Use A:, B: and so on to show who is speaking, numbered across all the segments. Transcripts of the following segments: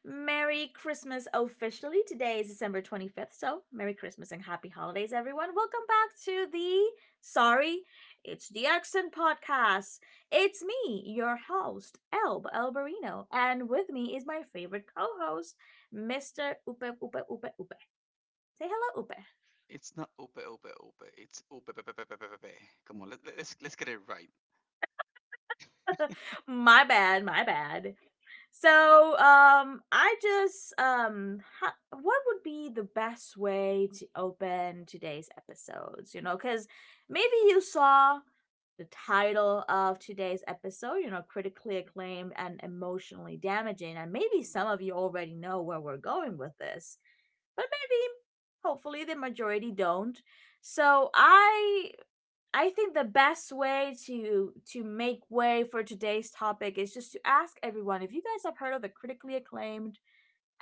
A: Merry Christmas officially. Today is December 25th, so Merry Christmas and Happy Holidays, everyone. Welcome back to the, sorry, it's the Accent Podcast. It's me, your host, Elbarino, and with me is my favorite co host, Mr. Upe Upe Upe Upe. Say hello, Upe.
B: It's not ope ope ope. It's ope ope ope ope ope. Come on, let's get it right.
A: My bad, my bad. So, I just, what would be the best way to open today's episodes? You know, because maybe you saw the title of today's episode, critically acclaimed and emotionally damaging, and maybe some of you already know where we're going with this, but maybe, hopefully, the majority don't. So, I think the best way to make way for today's topic is just to ask everyone if you guys have heard of the critically acclaimed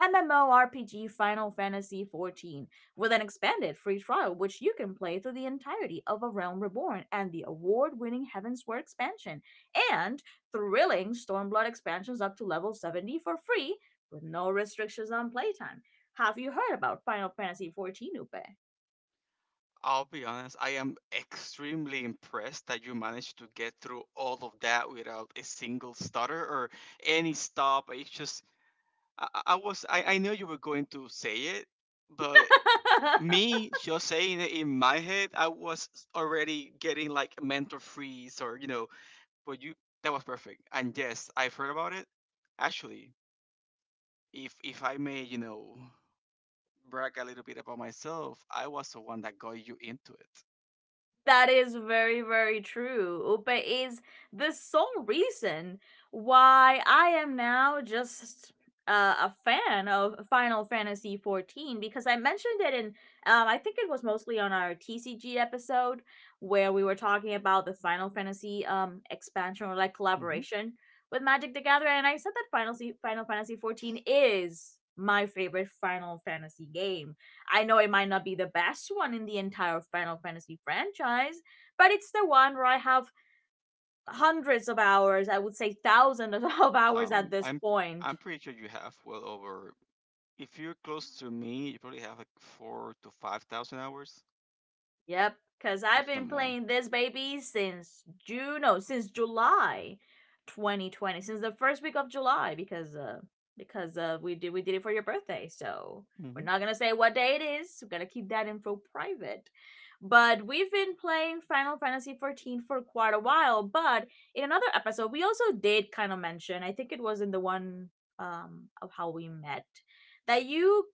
A: MMORPG Final Fantasy XIV, with an expanded free trial which you can play through the entirety of A Realm Reborn and the award-winning Heavensward expansion and thrilling Stormblood expansions up to level 70 for free, with no restrictions on playtime. Have you heard about Final Fantasy XIV,
B: I'll be honest. I am extremely impressed that you managed to get through all of that without a single stutter or any stop. It's just I knew you were going to say it, but
A: Upe?
B: me just saying it in my head, I was already getting like a mental freeze or you know. But you that was perfect. And yes, I've heard about it. Actually, if I may, brag a little bit about myself, I was the one that got you into it.
A: That is very, very true. But is the sole reason why I am now just a fan of Final Fantasy 14, because I mentioned it in, I think it was mostly on our TCG episode where we were talking about the Final Fantasy expansion or like
B: hmm
A: collaboration with Magic the Gathering, and I said that Final Fantasy 14 is my favorite Final Fantasy game. I know it might not be the best one in the entire Final Fantasy franchise, but it's the one where I have hundreds of hours, I would say thousands of hours at
B: Um,
A: this
B: I'm
A: point.
B: I'm pretty sure you have well over. If you're close to me, you probably have like 4 to 5,000 hours,
A: Yep, because
B: if
A: I've
B: not
A: been
B: more.
A: playing this baby since June, no, since July 2020, since the first week of July, because we did it for your birthday, so we're
B: hmm
A: not gonna say what day it is. We're gonna keep that info private. But we've been playing Final Fantasy 14 for quite a while. But in another episode, we also did kind of mention, I think it was in the one of how we met, that you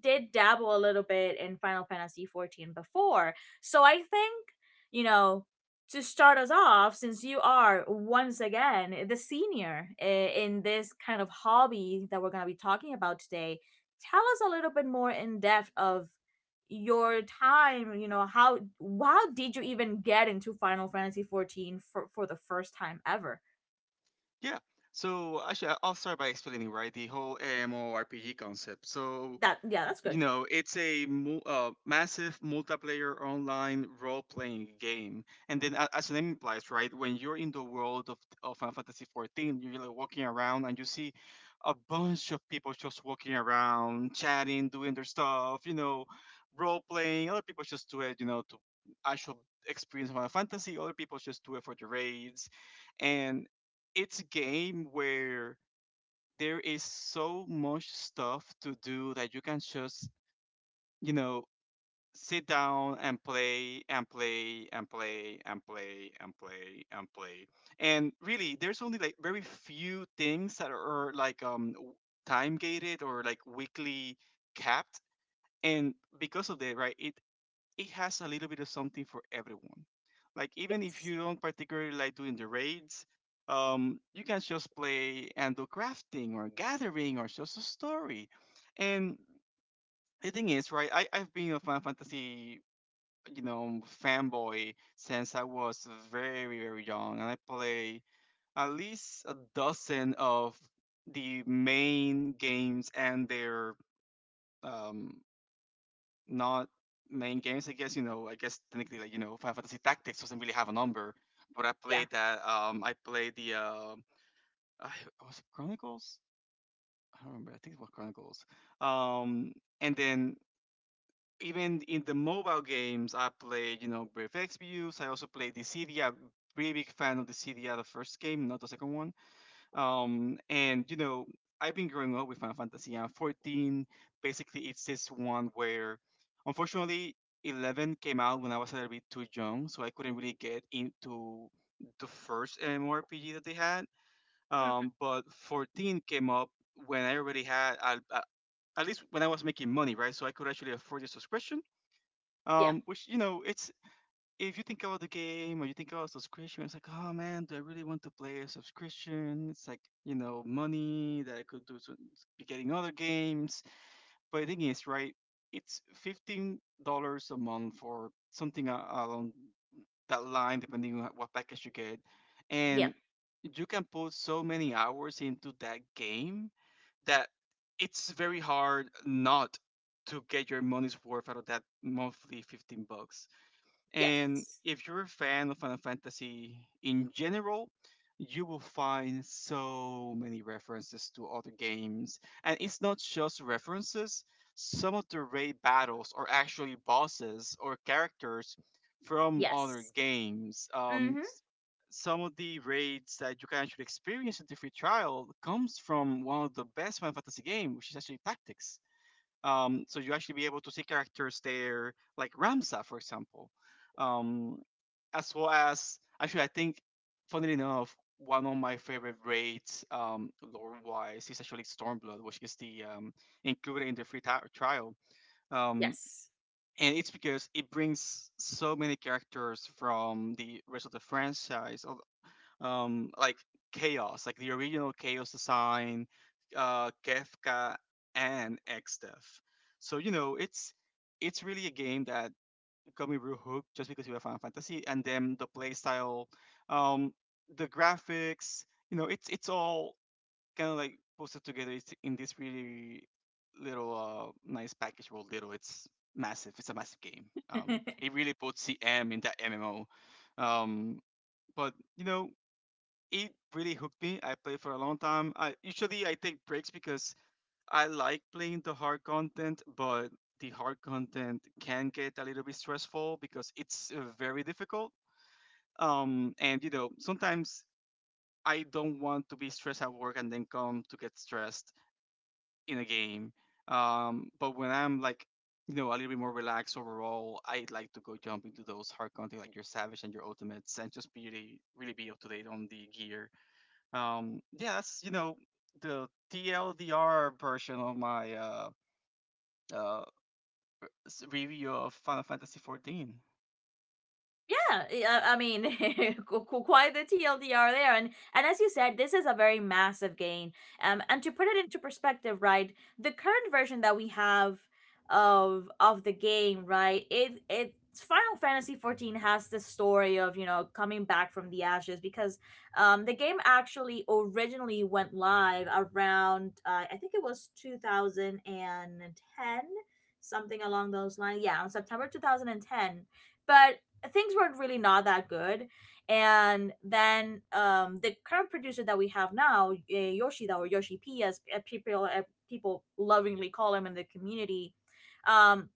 A: did dabble a little bit in Final Fantasy 14 before, so I think, you know, to start us off, since you are once again the senior in this kind of hobby that we're going to be talking about today, tell us a little bit more in depth of your time. You know, how did you even get into Final Fantasy 14 for the first time ever?
B: Yeah. So actually, I'll start by explaining right the whole MMORPG concept. So
A: That, yeah, that's good.
B: you know, it's a massive multiplayer online role-playing game, and then, as the name implies, right? When you're in the world of Final Fantasy 14, you're like walking around and you see a bunch of people just walking around, chatting, doing their stuff. You know, role-playing. Other people just do it, you know, to actual experience Final Fantasy. Other people just do it for the raids, and it's a game where there is so much stuff to do that you can just you know, sit down and play and play and play and play and play and play. And really, there's only like very few things that are like time gated or like weekly capped. And because of that, right, it has a little bit of something for everyone. Like even if
A: Yes.
B: you don't particularly like doing the raids, you can just play and do crafting or gathering or just a story. And the thing is, right, I've been a Final fantasy, you know, fanboy since I was very, very young. And I play at least a dozen of the main games and their um not main games. I guess, you know, I guess technically like, you know, Final Fantasy Tactics doesn't really have a number. But I
A: Yeah.
B: played that I played the I was it Chronicles? I don't remember. I think it was Chronicles. Um and then even in the mobile games, I played, you know, Brave Exvius. I also played Dissidia. Really big fan of Dissidia, the first game, not the second one. And you know, I've been growing up with Final Fantasy. I'm 14, basically. It's this one where, unfortunately, 11 came out when I was a little bit too young, so I couldn't really get into the first MMORPG that they had.
A: Mhm.
B: But 14 came up when I already had, at least when I was making money, right? So I could actually afford the subscription
A: Yeah.
B: which you know, it's if you think about the game or you think about subscription, it's like, oh man, do I really want to play a subscription? It's like you know, money that I could do to be getting other games. But the thing is, right, it's $15 a month for something along that line, depending on what package you get,
A: Yeah.
B: and you can put so many hours into that game that it's very hard not to get your money's worth out of that monthly 15 bucks. And
A: Yes.
B: if you're a fan of Final Fantasy in general, you will find so many references to other games. And it's not just references, some of the raid battles are actually bosses or characters from other
A: Yes.
B: games.
A: Mhm.
B: Some of the raids that you can actually experience in the free trial comes from one of the best Final Fantasy game, which is actually Tactics. So you actually be able to see characters there, like Ramza, for example. Um, as well as actually I think funnily enough, one of my favorite raids, lore wise, is actually Stormblood, which is the included in the free trial. Um,
A: Yes.
B: and it's because it brings so many characters from the rest of the franchise, of, like Chaos, like the original Chaos design, Kefka, and Xdev. So you know, it's really a game that got me real hooked just because you have Final Fantasy and then the play style, um, the graphics, you know, it's all kind of like posted together. It's in this really little nice package. Well, little, it's massive. It's a massive game. It really puts CM in that MMO. Um, but you know, it really hooked me. I played for a long time. I take breaks because I like playing the hard content, but the hard content can get a little bit stressful because it's very difficult. And you know, sometimes I don't want to be stressed at work and then come to get stressed in a game. But when I'm like, you know, a little bit more relaxed overall, I like to go jump into those hard content like your Savage and your Ultimates and just be really, really be up to date on the gear. Yeah, that's you know the TLDR version of my uh, review of Final Fantasy XIV.
A: Yeah, I mean, quite the TLDR there, and as you said, this is a very massive gain. And to put it into perspective, right, the current version that we have of the game, right, it's Final Fantasy 14, has this story of, you know, coming back from the ashes, because the game actually originally went live around, I think it was 2010, something along those lines. Yeah, on September 2010, but things were really not that good. And then the current producer that we have now, Yoshida, or Yoshi P, as people lovingly call him in the community, um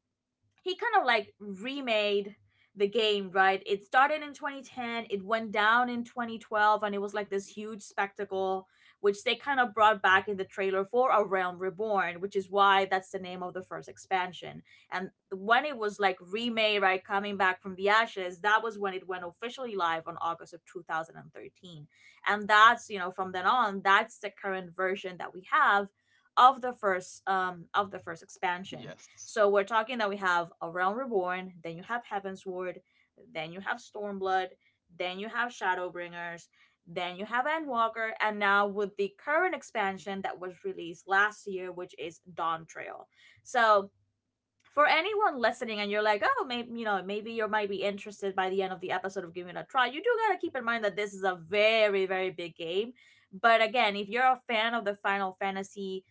A: he kind of like remade the game, right? It started in 2010, it went down in 2012, and it was like this huge spectacle, which they kind of brought back in the trailer for A Realm Reborn, which is why that's the name of the first expansion. And when it was like remade, right, coming back from the ashes, that was when it went officially live on August of 2013. And 13. And that's, you know, from then on, that's the current version that we have of the first expansion.
B: Yes.
A: So we're talking that we have A Realm Reborn, then you have Heaven's Ward, then you have Stormblood, then you have Shadowbringers, then you have Endwalker, and now with the current expansion that was released last year, which is Dawn Trail. So for anyone listening and you're like, oh, maybe you might be interested by the end of the episode of giving it a try. You do gotta keep in mind that this is a very, very big game. But again, if you're a fan of the Final Fantasy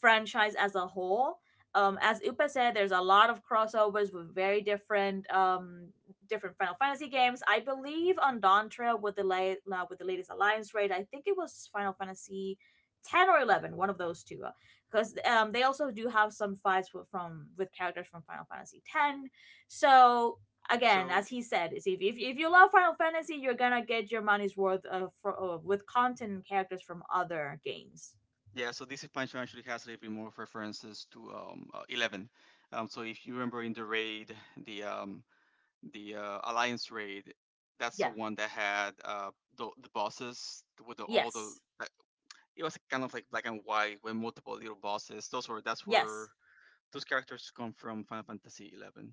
A: franchise as a whole, as Upa said, there's a lot of crossovers with very different Final Fantasy games. I believe on Dawn Trail with with the latest Alliance raid, I think it was Final Fantasy 10 or 11, one of those two, because they also do have some fights with characters from Final Fantasy X. So again,
B: So
A: as he said, is if you love Final Fantasy, you're gonna get your money's worth with content and characters from other games.
B: yeah, so this expansion actually has a little bit more references to 11. So if you remember in the raid, the um the Alliance raid, that's the
A: Yeah.
B: one that had the bosses with all the
A: Yes.
B: like, it was kind of like black and white with multiple little bosses. Those were that's where
A: Yes.
B: those characters come from Final Fantasy 11.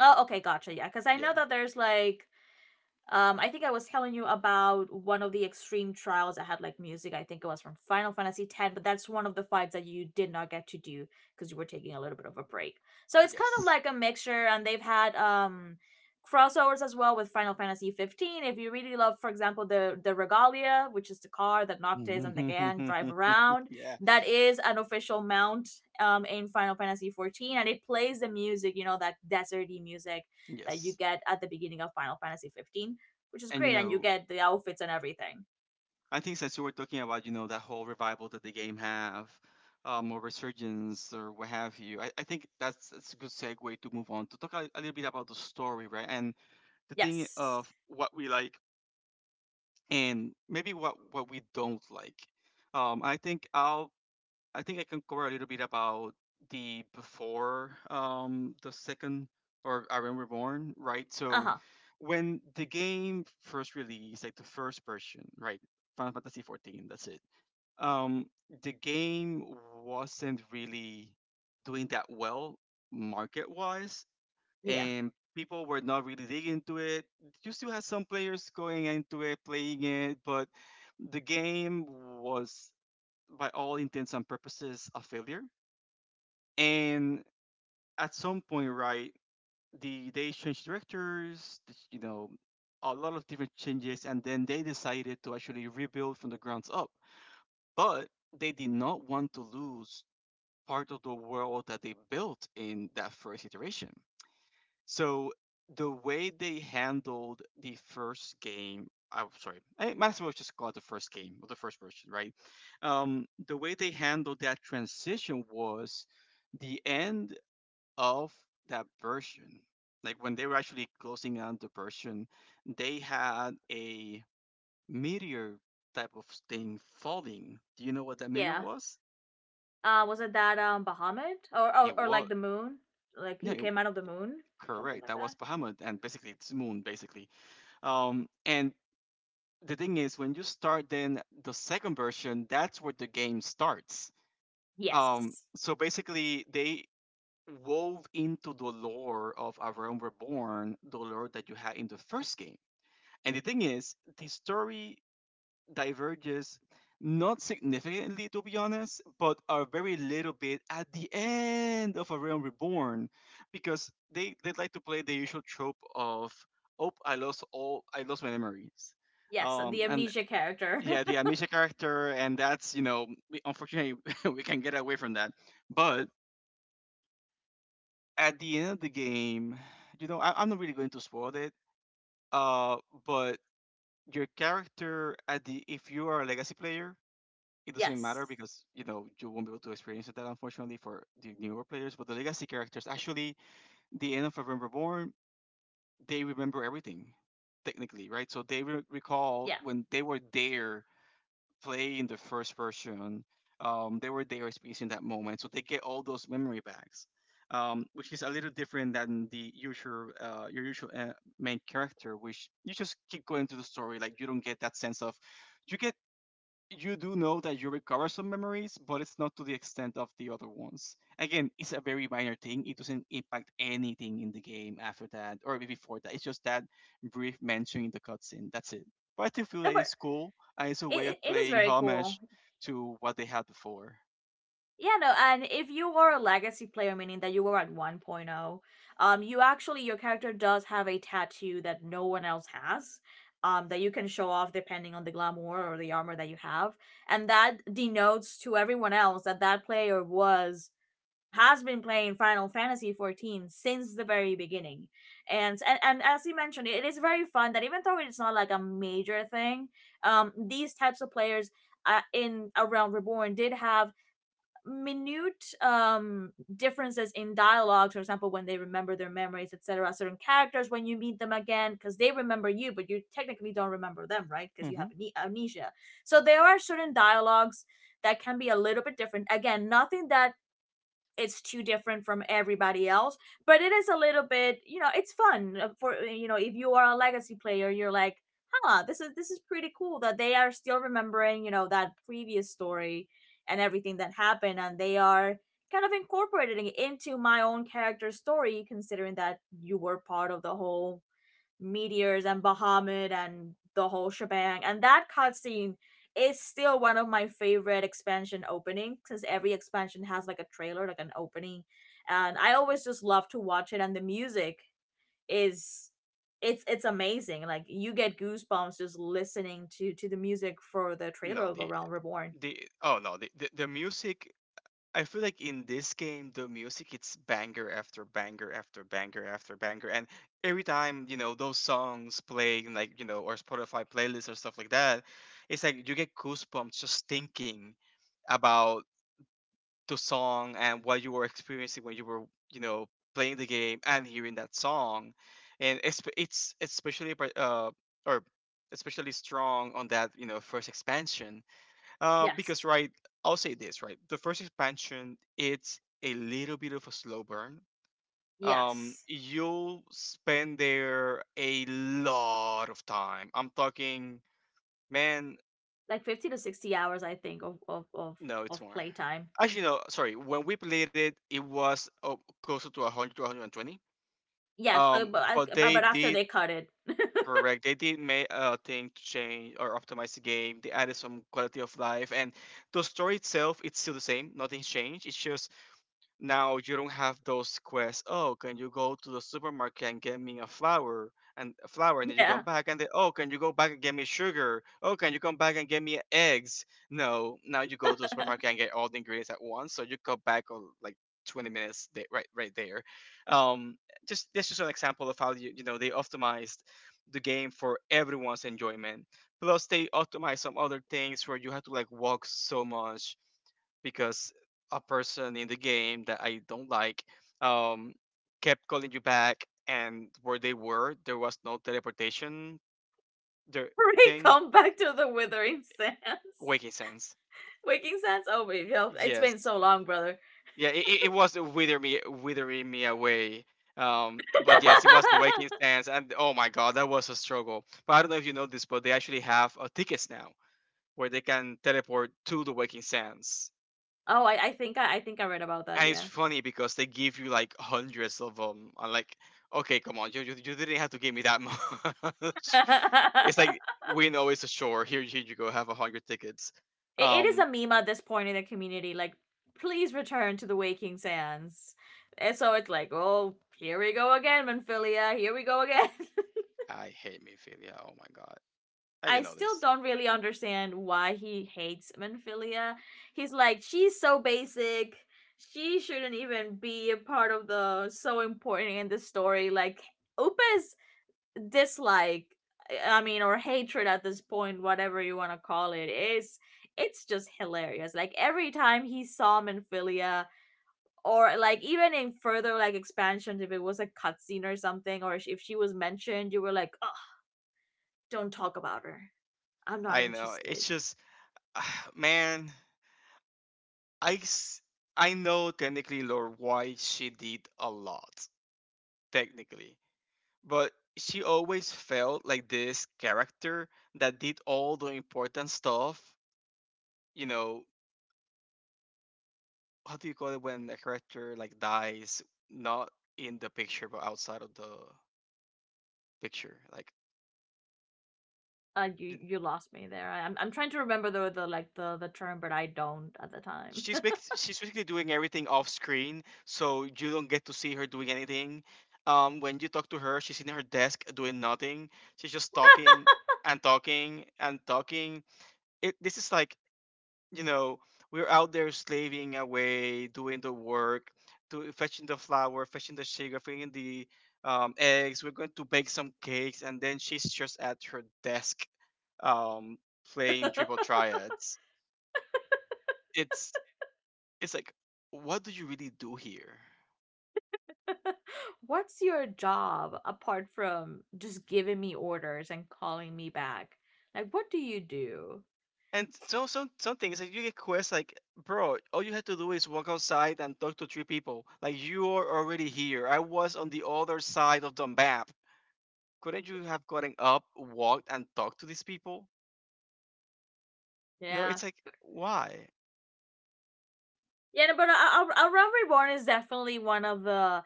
A: Oh, okay, gotcha. Yeah, because I
B: Yeah.
A: know that there's like. I think I was telling you about one of the extreme trials that had like music. I think it was from Final Fantasy Ten, but that's one of the fights that you did not get to do because you were taking a little bit of a break. So it's kind of
B: Yes.
A: like a mixture, and they've had crossovers as well with Final Fantasy 15. If you really love, for example, the Regalia, which is the car that Noctis and the gang drive around,
B: yeah.
A: that is an official mount in Final Fantasy 14, and it plays the music, you know, that deserty music that you
B: Yes.
A: get at the beginning of Final Fantasy 15, which is
B: And you
A: great, and you
B: know,
A: get the outfits and everything.
B: I think since you were talking about, you know, that whole revival that the game have, or resurgence or what have you, I think that's a good segue to move on to talk a little bit about the story, right? And the thing
A: Yes.
B: of what we like and maybe what we don't like. Um, I think I'll I think I can cover a little bit about the before the second or Iron Reborn, right?
A: Uh
B: So
A: huh.
B: when the game first released, like the first version, right? Final Fantasy 14, that's it. um, the game wasn't really doing that well market wise,
A: Yeah.
B: and people were not really digging into it. You still had some players going into it, playing it, but the game was, by all intents and purposes, a failure. And at some point, right, they changed directors, you know, a lot of different changes, and then they decided to actually rebuild from the grounds up. But they did not want to lose part of the world that they built in that first iteration. So the way they handled the first game, I'm sorry, I might as well just call it the first game or the first version, right? The way they handled that transition was the end of that version. Like when they were actually closing out the version, they had a meteor type of thing falling. Do you know what that meteor
A: Yeah.
B: was?
A: Was it that Bahamut, or,
B: It
A: or
B: was
A: like the moon? Like
B: no,
A: he
B: it,
A: came out of the moon, something
B: correct.
A: like
B: That was
A: that.
B: Bahamut, and basically it's Moon, basically. And the thing is, when you start then the second version, that's where the game starts.
A: Yes.
B: So basically, they wove into the lore of A Realm Reborn the lore that you had in the first game. And the thing is, the story diverges not significantly to be honest but a very little bit at the end of a realm reborn because they like to play the usual trope of oh I lost my memories
A: Yes. The
B: and
A: amnesia character.
B: yeah the amnesia character and that's you know we, unfortunately we can get away from that but at the end of the game you know I'm not really going to spoil it uh but your character at the if you are a legacy player it doesn't matter
A: Yes.
B: because you know you won't be able to experience that unfortunately for the newer players. But the legacy characters, actually, the end of November Born, they remember everything, technically, right? So they recall
A: Yeah.
B: when they were there playing the first version. They were there experiencing that moment, so they get all those memory bags, which is a little different than the usual your usual main character, which you just keep going through the story, like you don't get that sense of you get you do know that you recover some memories, but it's not to the extent of the other ones. Again, it's a very minor thing. It doesn't impact anything in the game after that or before that. It's just that brief mention in the cutscene. That's it. But I still feel
A: No,
B: that
A: but
B: it's cool and it's a way of
A: it is
B: playing
A: very cool.
B: homage to what they had before.
A: Yeah, no, and if you were a legacy player, meaning that you were at 1.0, you actually, your character does have a tattoo that no one else has, that you can show off depending on the glamour or the armor that you have. And that denotes to everyone else that that player was, has been playing Final Fantasy 14 since the very beginning. And, and as you mentioned, it is very fun that even though it's not like a major thing, these types of players, in around Reborn, did have minute differences in dialogues, for example, when they remember their memories, etc. Certain characters, when you meet them again, because they remember you, but you technically don't remember them, right, because you have
B: hmm
A: amnesia. So there are certain dialogues that can be a little bit different. Again, nothing that it's too different from everybody else, but it is a little bit, it's fun, for if you are a legacy player, you're like, huh, this is pretty cool that they are still remembering, that previous story, and everything that happened, and they are kind of incorporating it into my own character story, considering that you were part of the whole meteors and Bahamut and the whole shebang. And that cutscene is still one of my favorite expansion openings, since every expansion has like a trailer, like an opening. And I always just love to watch it, and the music is it's amazing. Like, you get goosebumps just listening to the music for the trailer
B: No,
A: of A Realm Reborn.
B: the oh no, the music. I feel like in this game, the music it's banger after banger after banger after banger, and every time those songs play, in, or Spotify playlists or stuff like that, it's like you get goosebumps just thinking about the song and what you were experiencing when you were you know playing the game and hearing that song, and it's especially par- or especially strong on that first expansion, because
A: Yes.
B: right, I'll say this right. The first expansion, it's a little bit of a slow burn.
A: Yes.
B: You'll spend there a lot of time. I'm talking, man.
A: Like, 50 to 60 hours, I think, of of of,
B: No, it's
A: of
B: more.
A: playtime.
B: Actually, no. Sorry. When we played it, it was closer to 100 to 120.
A: Yeah, but, but
B: But they
A: but after
B: did
A: they cut it.
B: correct. They did make a thing to change or optimize the game. They added some quality of life, and the story itself, it's still the same. Nothing's changed. It's just now you don't have those quests. Oh, can you go to the supermarket and get me a flour and a flour, and then you come
A: Yeah.
B: back, and then oh, can you go back and get me sugar? Oh, can you come back and get me eggs? No, now you go to the supermarket and get all the ingredients at once, so you come back on like 20 minutes there, right there. um just that's just an example of how you, you know they optimized the game for everyone's enjoyment. Plus they optimize some other things where you have to like walk so much because a person in the game that I don't like, um, kept calling you back, and where they were, there was no teleportation there
A: We
B: thing.
A: come back to the Withering Sands.
B: Waking sense.
A: Waking Sands. Oh, wait, it's been
B: Yes.
A: so long, brother.
B: Yeah, it was withering me away. But yes, it was the
A: Oh,
B: waking sense, and oh my god, that was a struggle. But I don't know if you know this, but they actually have a tickets now where they can teleport to the waking sense.
A: I think I read about that.
B: And it's
A: Yeah,
B: funny because they give you like hundreds of them. I'm like, okay, come on, you didn't have to give me that much. It's like we know it's a shore. Here, here you go, have a hundred tickets.
A: it is
B: Um,
A: a meme at this point in the community. Like, please return to the Waking Sands. And so it's like, oh, here we go again, Manphilia. Here we go again.
B: I hate Mephilia. Oh my god, and
A: I
B: you know
A: still
B: this.
A: don't really understand why he hates Manphilia. He's like, she's so basic. She shouldn't even be a part of the, so important in the story. Like, Upa's dislike, I mean, or hatred at this point, whatever you want to call it, is it's just hilarious. Like, every time he saw Manphilia, or like, even in further like expansions, if it was a cutscene or something, or if she was mentioned, you were like, oh, don't talk about her. I'm not
B: I know.
A: interested.
B: It's just, man, I s- I know technically Lord White she did a lot technically, but she always felt like this character that did all the important stuff, you know, how do you call it when a character like dies not in the picture but outside of the picture like
A: Uh, you
B: in-
A: you lost me there. I'm trying to remember the like the term, but I don't at the time.
B: she's basically doing everything off screen, so you don't get to see her doing anything. When you talk to her she's in her desk doing nothing. She's just talking and talking and talking. It this is like, you know, we're out there slaving away, doing the work, to fetching the flour, fetching the sugar, fetching the, eggs. We're going to bake some cakes, and then she's just at her desk, um, playing triple triads. It's it's like, what do you really do here?
A: What's your job apart from just giving me orders and calling me back? Like, what do you do?
B: And so some things like you get quests like, bro, all you had to do is walk outside and talk to three people. Like you are already here. I was on the other side of the map. Couldn't you have gotten up, walked, and talked to these people? You know,
A: Yeah,
B: it's like, why?
A: yeah. No, but around reborn is definitely one of the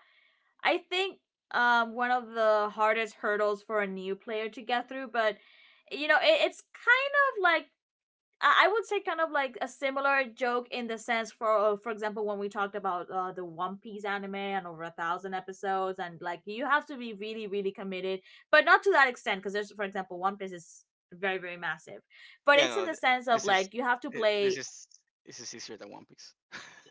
A: I think one of the hardest hurdles for a new player to get through. But it's kind of like I would say kind of like a similar joke in the sense for example when we talked about the One Piece anime and over 1,000 episodes and like you have to be really really committed, but not to that extent because there's for example One Piece is very very massive, but
B: Yeah,
A: it's in
B: no,
A: the
B: th-
A: sense of
B: this is
A: like you have to
B: thi-
A: play
B: this is easier than One Piece.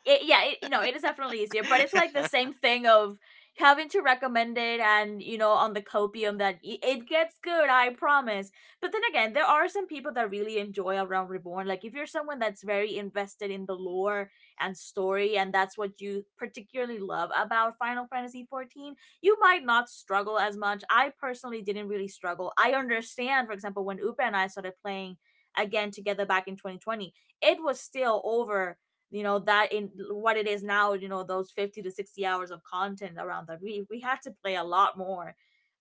A: it. Yeah, it is definitely easier, but it's like the same thing of having to recommend it and, on the copium that it gets good, I promise. But then again, there are some people that really enjoy A Realm Reborn. Like, if you're someone that's very invested in the lore and story, and that's what you particularly love about Final Fantasy 14, you might not struggle as much. I personally didn't really struggle. I understand, for example, when Upa and I started playing again together back in 2020. It was still over, that in what it is now, those 50 to 60 hours of content around that, we had to play a lot more.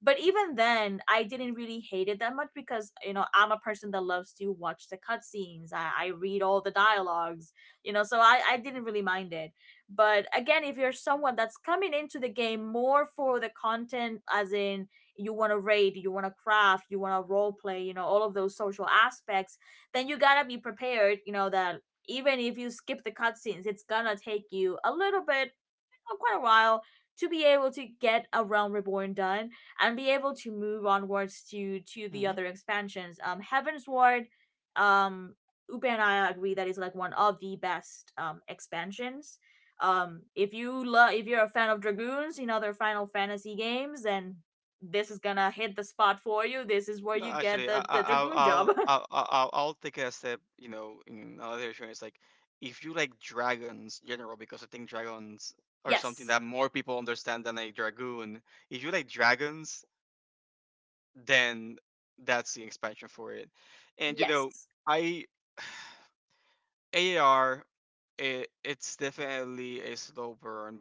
A: But even then, I didn't really hate it that much, because I'm a person that loves to watch the cutscenes. I read all the dialogues, so I didn't really mind it. But again, if you're someone that's coming into the game more for the content, as in you want to raid, you want to craft, you want to role play, all of those social aspects, then you gotta be prepared, that even if you skip the cutscenes, it's gonna take you a little bit, quite a while, to be able to get a Realm Reborn done and be able to move onwards to the
B: hmm.
A: other expansions. Heaven's Ward, um, Upe and I agree that is like one of the best expansions. If if you're a fan of Dragoons in other Final Fantasy games, then this is gonna hit the spot for you. This is where
B: No,
A: you get
B: actually, I,
A: the Dragoon job.
B: I'll take a step. You know, in another show, it's like if you like dragons general, because I think dragons are something
A: Yes,
B: that more people understand than a dragoon. If you like dragons, then that's the expansion for it. And you know,
A: yes,
B: I. AR, it's definitely a slow burn,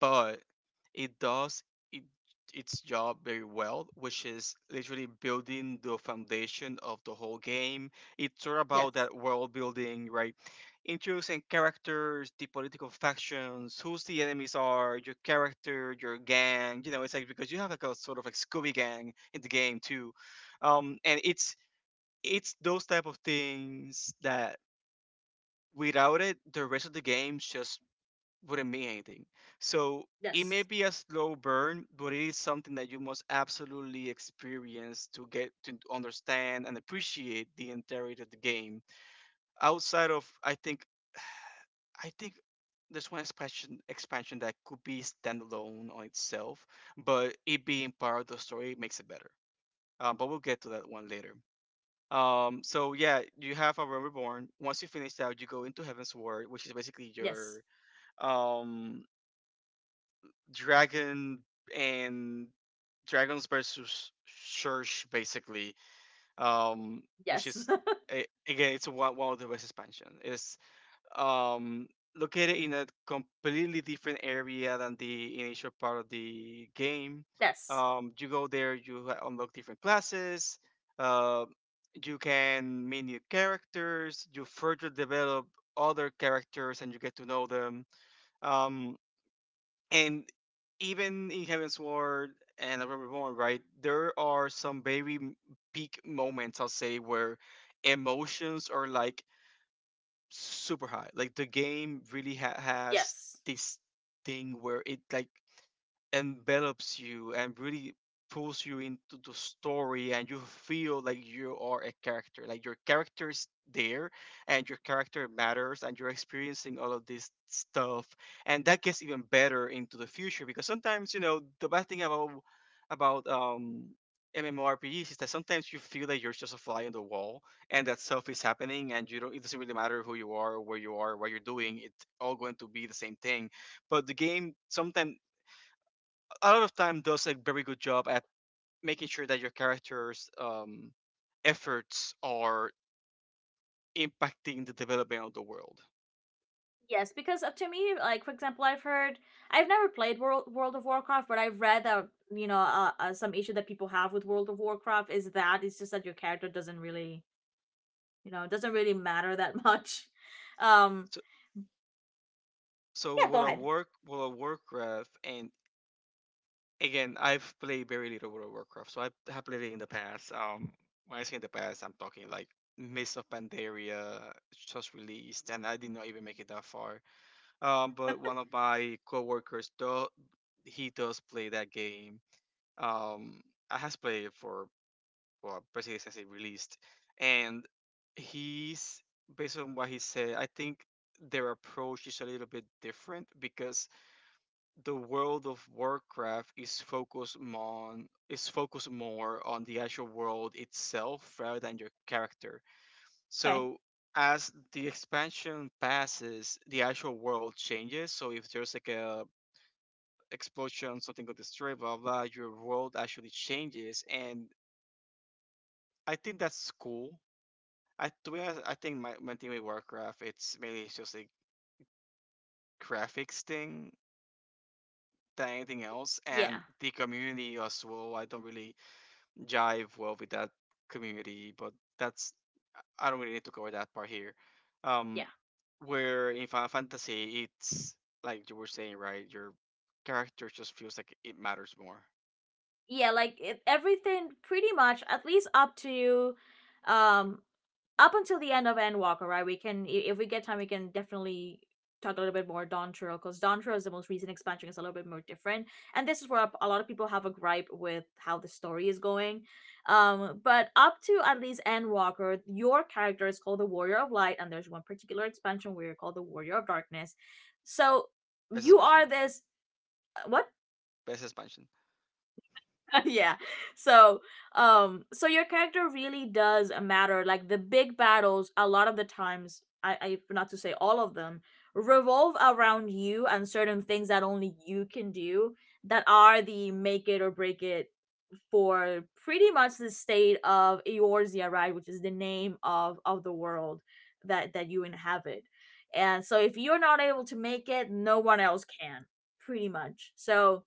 B: but it does it, its job very well, which is literally building the foundation of the whole game. It's all about
A: yes,
B: that world building, right? Introducing characters, the political factions, who's the enemies are, your character, your gang. You know, it's like because you have like a sort of like Scooby Gang in the game too, and it's those type of things that without it, the rest of the games just wouldn't mean anything. So it
A: yes.
B: may be a slow burn, but it is something that you must absolutely experience to get to understand and appreciate the entirety of the game. Outside of, I think there's one expansion that could be standalone on itself, but it being part of the story makes it better. But we'll get to that one later. So yeah, you have a Realm Reborn. Once you finish that, you go into Heaven's Ward, which is basically
A: Yes.
B: your, um dragon and dragons versus church basically. um which
A: Yes.
B: is again it's one of the best expansion. It's um Located in a completely different area than the initial part of the game.
A: Yes.
B: You go there, you unlock different classes. uh you can meet new characters, you further develop other characters and you get to know them. um and even in Heaven's Ward and Above Reborn, right, there are some very peak moments, I'll say, where emotions are like super high. Like the game really has
A: Yes.
B: this thing where it like envelops you and really pulls you into the story, and you feel like you are a character, like your character is there and your character matters, and you're experiencing all of this stuff. And that gets even better into the future, because sometimes you know the bad thing about about um MMORPGs is that sometimes you feel that you're just a fly on the wall and that stuff is happening and you don't, it doesn't really matter who you are, where you are, what you're doing, it's all going to be the same thing. But the game sometimes a lot of time does a very good job at making sure that your character's, efforts are impacting the development of the world.
A: Yes, because up to me, like for example, I've never played World of Warcraft, but I've read that some issue that people have with World of Warcraft is that it's just that your character doesn't really, doesn't really matter that much. Um,
B: So,
A: yeah, go ahead.
B: with a work graph and again, I've played very little World of Warcraft, so I have played it in the past. When I say in the past, I'm talking like Mists of Pandaria just released, and I did not even make it that far. But one of my coworkers, do, he does play that game. Um, I has played it for, well, basically since it released, and he's based on what he said. I think their approach is a little bit different because the world of Warcraft is focused more on the actual world itself rather than your character.
A: Okay.
B: So as the expansion passes, the actual world changes. So if there's like a explosion, something got destroyed, blah blah, your world actually changes, and I think that's cool. I to be honest, I think my thing with Warcraft it's mainly just a graphics thing than anything else,
A: Yeah.
B: and the community as well. I don't really jive well with that community, but that's I don't really need to cover that part here.
A: Yeah.
B: Um, where in Final Fantasy, it's like you were saying, right? Your character just feels like it matters more.
A: Yeah. Like it, everything, pretty much, at least um up until the end of Endwalker, right? If we get time, we can definitely talk a little bit more Dawn Trail, because Dawn Trail is the most recent expansion. It's a little bit more different, and this is where a lot of people have a gripe with how the story is going. But up to at least Endwalker, your character is called the Warrior of Light, and there's one particular expansion where you're called the Warrior of Darkness. So
B: Best
A: you
B: expansion,
A: are this. What?
B: best expansion.
A: Yeah, so so your character really does matter. Like, the big battles a lot of the times, I not to say all of them, revolve around you and certain things that only you can do, that are the make it or break it for pretty much the state of Eorzea, right, which is the name of the world that you inhabit. And so if you're not able to make it, no one else can, pretty much. So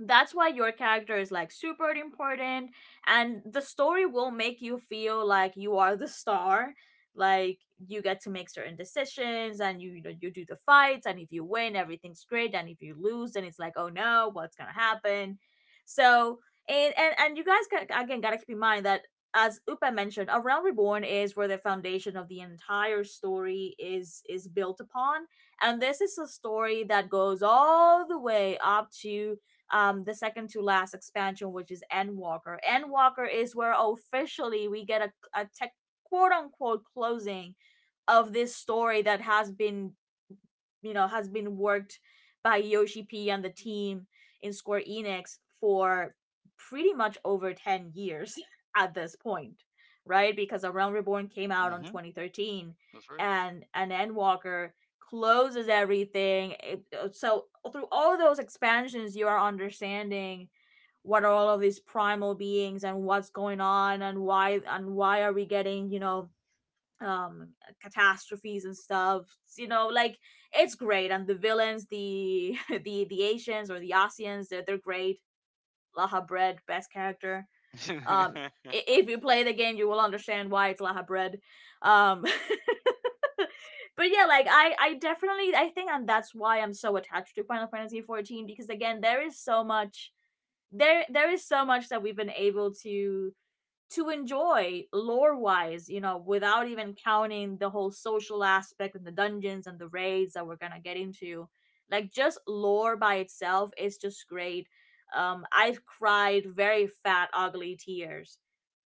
A: that's why your character is like super important and the story will make you feel like you are the star like you get to make certain decisions and you, know, you do the fights and if you win everything's great and if you lose then it's like oh no what's gonna happen so and you guys can again gotta keep in mind that as Upa mentioned, a Realm Reborn is where the foundation of the entire story is built upon. And this is a story that goes all the way up to the second to last expansion, which is Endwalker. Endwalker is where officially we get a tech quote unquote closing of this story that has been worked by Yoshi P and the team in Square Enix for pretty much over 10 years at this point, right? Because A Realm Reborn came out on
B: Mm-hmm.
A: 2013,
B: That's
A: and an Endwalker closes everything. So through all of those expansions, you are understanding what are all of these primal beings and what's going on and why are we getting, um catastrophes and stuff, like it's great. And the villains, the the asians, or the asians, they're great. Laha bread, best character. um
B: right.
A: if you play the game, you will understand why it's laha bread. um but yeah, like, I definitely, I think, and that's why I'm so attached to Final Fantasy 14, because again there is so much. There is so much that we've been able to enjoy lore wise, without even counting the whole social aspect and the dungeons and the raids that we're gonna get into. Like, just lore by itself is just great. I've cried very fat, ugly tears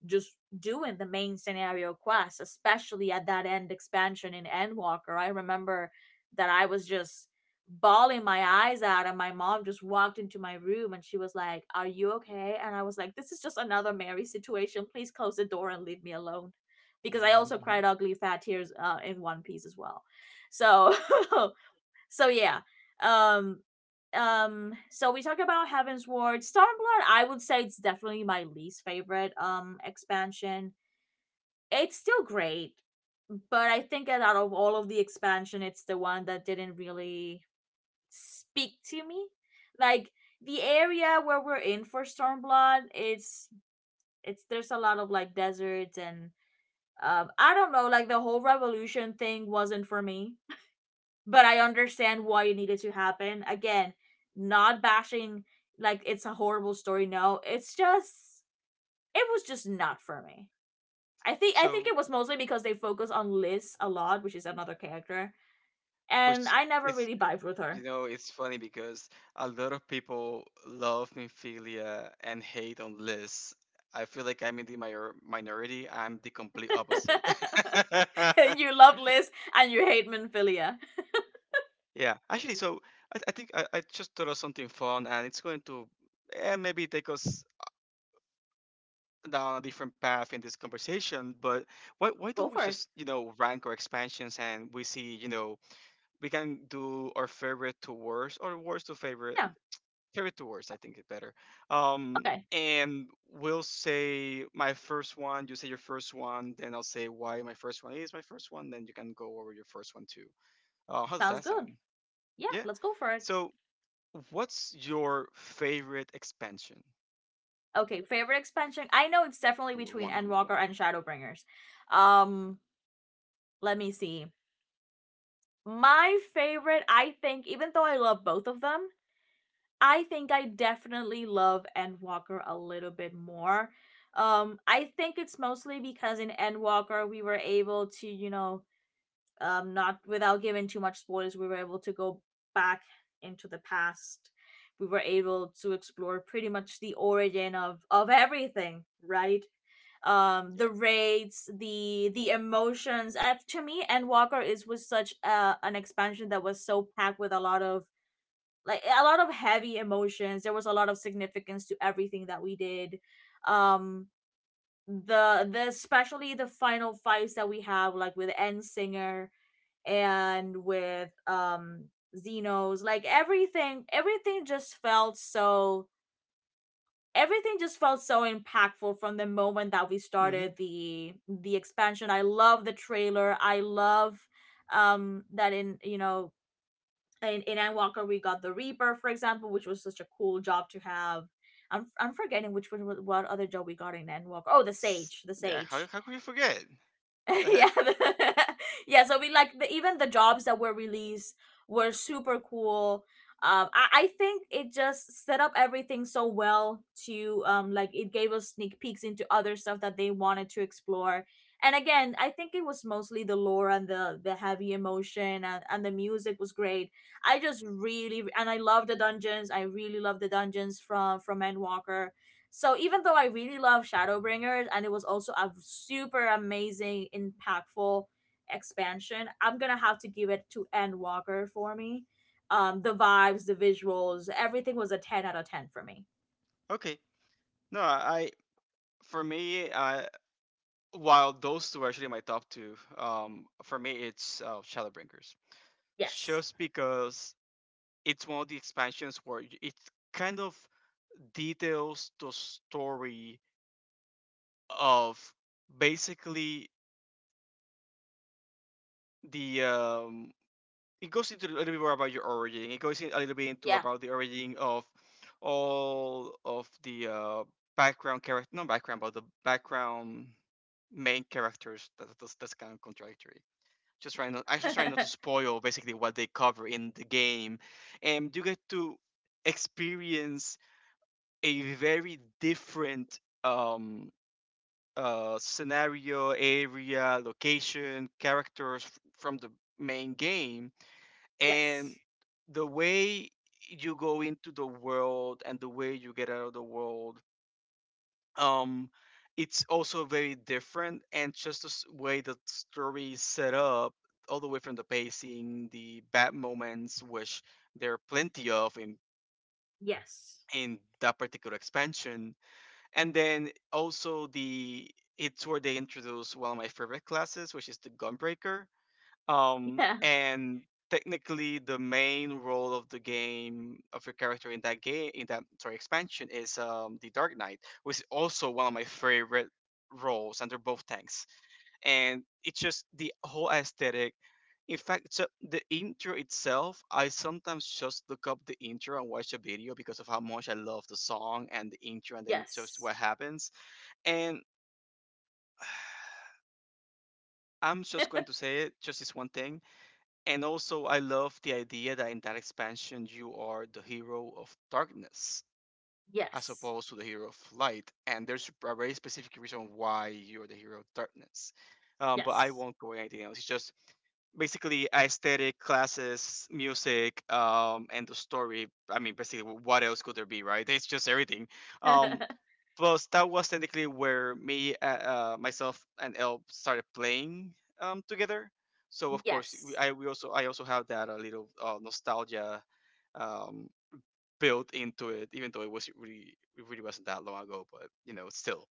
A: just doing the main scenario quests, especially at that end expansion in Endwalker. I remember that I was just bawling my eyes out, and my mom just walked into my room and she was like, are you okay? And I was like, this is just another Mary situation, please close the door and leave me alone. Because I also cried ugly fat tears, in One Piece as well. So so yeah. um so we talked about Heaven's Ward. Stormblood, I would say, it's definitely my least favorite expansion. It's still great, but I think that out of all of the expansion it's the one that didn't really speak to me. Like, the area where we're in for Stormblood, it's there's a lot of like deserts and, I don't know, like the whole revolution thing wasn't for me, but I understand why it needed to happen. Again, not bashing like it's a horrible story. No, it's just it was just not for me. I think
B: So
A: it was mostly because they focus on Liz a lot, which is another character, and
B: which
A: I never
B: is,
A: really vibed with
B: you
A: her.
B: know it's funny because a lot of people love Mephilia and hate on Liz. I feel like I'm in the minority. I'm the complete opposite.
A: You love Liz and you hate Minfilia.
B: Yeah, actually, so I think I just thought of something fun, and it's going to maybe take us down a different path in this conversation. But why
A: Go
B: don't we
A: for it.
B: just you know rank our expansions, and we see you know we can do our favorite to worst or worst to favorite.
A: Yeah.
B: Carry to, I think it's better. Um,
A: Okay.
B: and we'll say my first one. You say your first one, then I'll say why my first one is my first one. Then you can go over your first one too. How does
A: Sounds
B: that
A: good.
B: sound?
A: Yeah,
B: Yeah.
A: let's go for it.
B: So, what's your favorite expansion?
A: Okay, favorite expansion. I know it's definitely
B: Number
A: between
B: one. Number
A: Endwalker
B: one.
A: and Shadowbringers. Um, Let me see. My favorite, I think, even though I love both of them, I think I definitely love Endwalker a little bit more. I think it's mostly because in Endwalker we were able to, not without giving too much spoilers, we were able to go back into the past. We were able to explore pretty much the origin of everything, right?
B: Yeah.
A: The raids, the emotions. To me, Endwalker is was such an expansion that was so packed with a lot of heavy emotions. There was a lot of significance to everything that we did. Um, the Especially the final fights that we have, like with End Singer and with Xenos, like everything, everything just felt so impactful from the moment that we started the expansion. I love the trailer. I love that in, in Endwalker we got the Reaper, for example, which was such a cool job to have. I'm forgetting which one what other job we got in Endwalker. Oh, the Sage, the
B: Mm-hmm. Yeah.
A: Sage.
B: How could you forget? The
A: Yeah,
B: heck.
A: yeah. So even the jobs that were released were super cool. I think it just set up everything so well to like it gave us sneak peeks into other stuff that they wanted to explore. And again, I think it was mostly the lore and the heavy emotion, and the music was great. I love the dungeons. I really love the dungeons from Endwalker. So even though I really love Shadowbringers and it was also a super amazing, impactful expansion, I'm gonna have to give it to Endwalker for me. The vibes, the visuals, everything was a 10/10 for me.
B: Okay. No, I, for me, I, while those two are actually my top two, for me it's Shadowbringers.
A: Yes.
B: Just because it's one of the expansions where it kind of details the story of basically the it goes into a little bit more about your origin it goes in a little bit into
A: Yeah.
B: about the origin of all of the background character not background but the background main characters that's kind of contradictory. Just trying not, I just trying not to spoil basically what they cover in the game, and you get to experience a very different scenario, area, location, characters from the main game,
A: Yes.
B: and the way you go into the world and the way you get out of the world um it's also very different and just way the story is set up all the way from the pacing the bad moments which there are plenty of in
A: Yes.
B: in that particular expansion and then also the it's where they introduce one of my favorite classes which is the gunbreaker,
A: Yeah.
B: and technically, the main role of the game of your character in that game in that sorry expansion is the Dark Knight, which is also one of my favorite roles, and they're both tanks. And it's just the whole aesthetic. In fact, so the intro itself, I sometimes just look up the intro and watch the video because of how much I love the song and the intro, and then just
A: Yes.
B: what happens. And I'm just going to say it, just this one thing. And also, I love the idea that in that expansion, you are the hero of darkness as
A: Yes.
B: opposed to the hero of light. And there's a very specific reason why you're the hero of darkness. But I
A: Yes.
B: won't go anything else. It's just basically aesthetic, classes, music, and the story. I mean, basically, what else could there be, right? It's just everything. Um, Plus, that was technically where myself, and Elle started playing together. So of course, we-
A: Yes.
B: I we also I also have that a little nostalgia um, built into it, even though it really wasn't that long ago. But you know, still,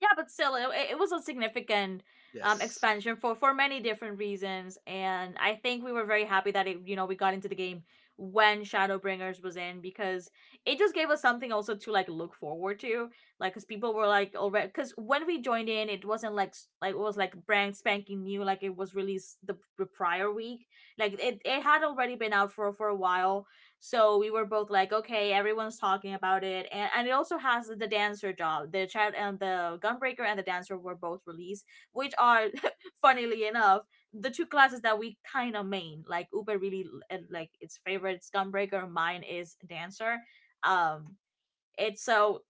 A: Yeah, but still it was a significant
B: yes.
A: expansion for many different reasons, and I think we were very happy that it, we got into the game when Shadowbringers was in, because it just gave us something also to like look forward to. Like, because people were like already, because when we joined in, it wasn't like like it was like brand spanking new, like it was released the prior week, like it had already been out for a while. So we were both like, okay, everyone's talking about it, and it also has the dancer job. The child and the gunbreaker and the dancer were both released, which are, funnily enough, the two classes that we kind of main. Like Uber really and, like its favorite is gunbreaker, mine is dancer. Um, it's so,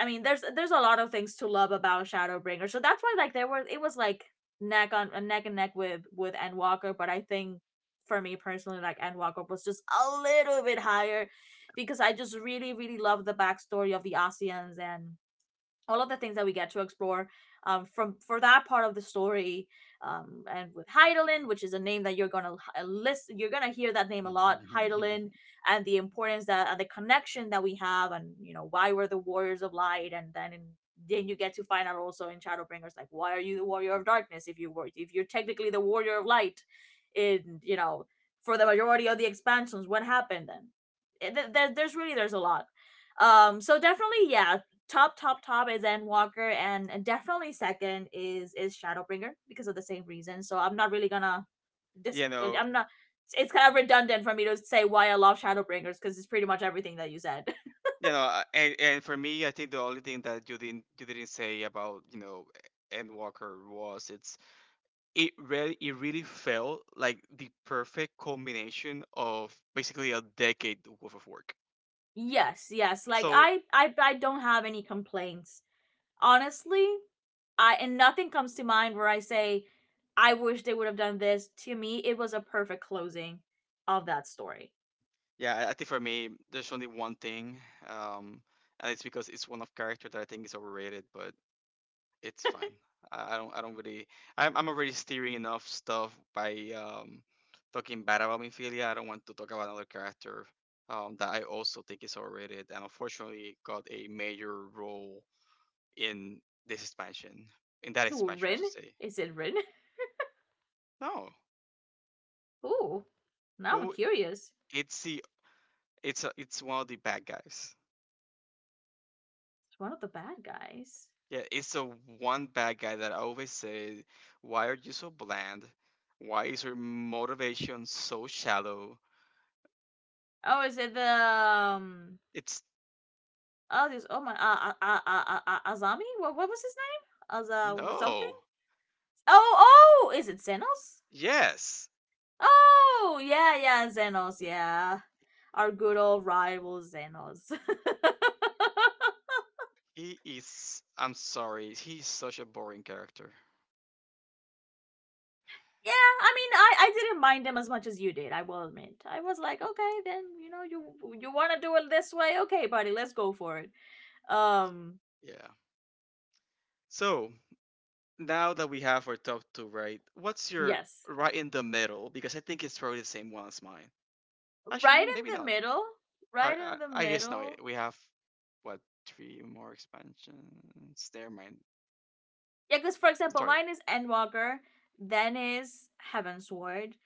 A: I mean, there's a lot of things to love about Shadowbringer. So that's why, like, there was, it was like neck and neck with Endwalker, but I think for me personally, like, Endwalker was just a little bit higher because I just really really love the backstory of the Asians and all of the things that we get to explore, from for that part of the story, and with Heidelin, which is a name that you're gonna you're gonna hear that name a lot, Heidelin, and the importance that, and the connection that we have, and you know why we're the warriors of light, then you get to find out also in Shadowbringers like, why are you the warrior of darkness if you were if you're technically the warrior of light, in for the majority of the expansions, what happened then? There's really, there's a lot, so definitely, yeah, top top top is Endwalker, and definitely second is Shadowbringer because of the same reason. So I'm not really gonna dis
B: you know,
A: I'm not it's kind of redundant for me to say why I love Shadowbringers because it's pretty much everything that you said.
B: and for me, I think the only thing that you didn't say about Endwalker was it really felt like the perfect combination of basically a decade worth of work.
A: Yes, yes. Like,
B: So
A: I don't have any complaints. Honestly, I and nothing comes to mind where I say, I wish they would have done this. To me, it was a perfect closing of that story.
B: yeah, I think for me, there's only one thing, um, and it's because it's one of character that I think is overrated, but it's fine. I don't really. I'm already steering enough stuff by talking bad about Minfilia. I don't want to talk about another character, that I also think is overrated, and unfortunately got a major role in this expansion, in that
A: Ooh,
B: expansion, I
A: Rin?
B: should say.
A: Is it Rin?
B: No,
A: Ooh, now I'm
B: who?
A: curious.
B: It's the it's one of the bad guys.
A: It's one of the bad guys.
B: Yeah, it's the one bad guy that I always say, "Why are you so bland? Why is your motivation so shallow?"
A: Oh, is it the?
B: It's
A: Oh, this. Oh my. Azami. What? What was his name? Aza something.
B: No,
A: Oh, oh, is it Zenos?
B: yes,
A: Oh, yeah, yeah, Zenos. Yeah, our good old rival Zenos. Yeah,
B: he is. I'm sorry, he's such a boring character.
A: I mean, I didn't mind them as much as you did. I will admit. I was like, okay, then you know, you want to do it this way, okay, buddy, let's go for it. Um,
B: Yeah. So now that we have our top two, right? What's your
A: yes.
B: right in the middle? Because I think it's probably the same one as mine. Actually,
A: Right
B: maybe
A: in the
B: not.
A: middle.
B: I
A: Right
B: I,
A: in the
B: I guess no.
A: middle.
B: We have, what, three more expansions? Never mind.
A: Yeah, because for example
B: Sorry,
A: mine is Endwalker, then is Heaven's Ward,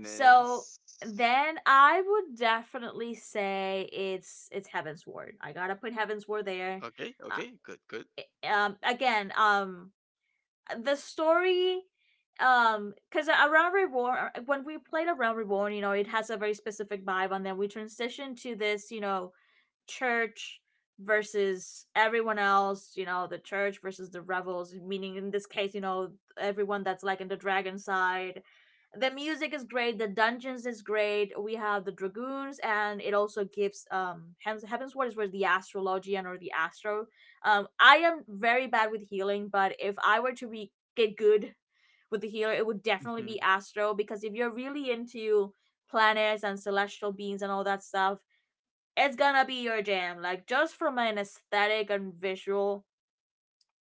A: so then I would definitely say it's Heaven's Ward. I gotta put Heaven's Ward there.
B: Okay, okay,
A: uh,
B: good, good.
A: Again, the story, because around reborn, when we played around reborn, you know, it has a very specific vibe, and then we transitioned to this, you know, church versus everyone else, you know, the church versus the rebels, meaning in this case, you know, everyone that's like in the dragon side. The music is great, the dungeons is great. We have the dragoons, and it also gives Heaven's Ward is where the astrologian or the astro. I am very bad with healing, but if I were to be get good with the healer, it would definitely
B: Mhm.
A: be astro because if you're really into planets and celestial beings and all that stuff, it's gonna be your jam. Like just from an aesthetic and visual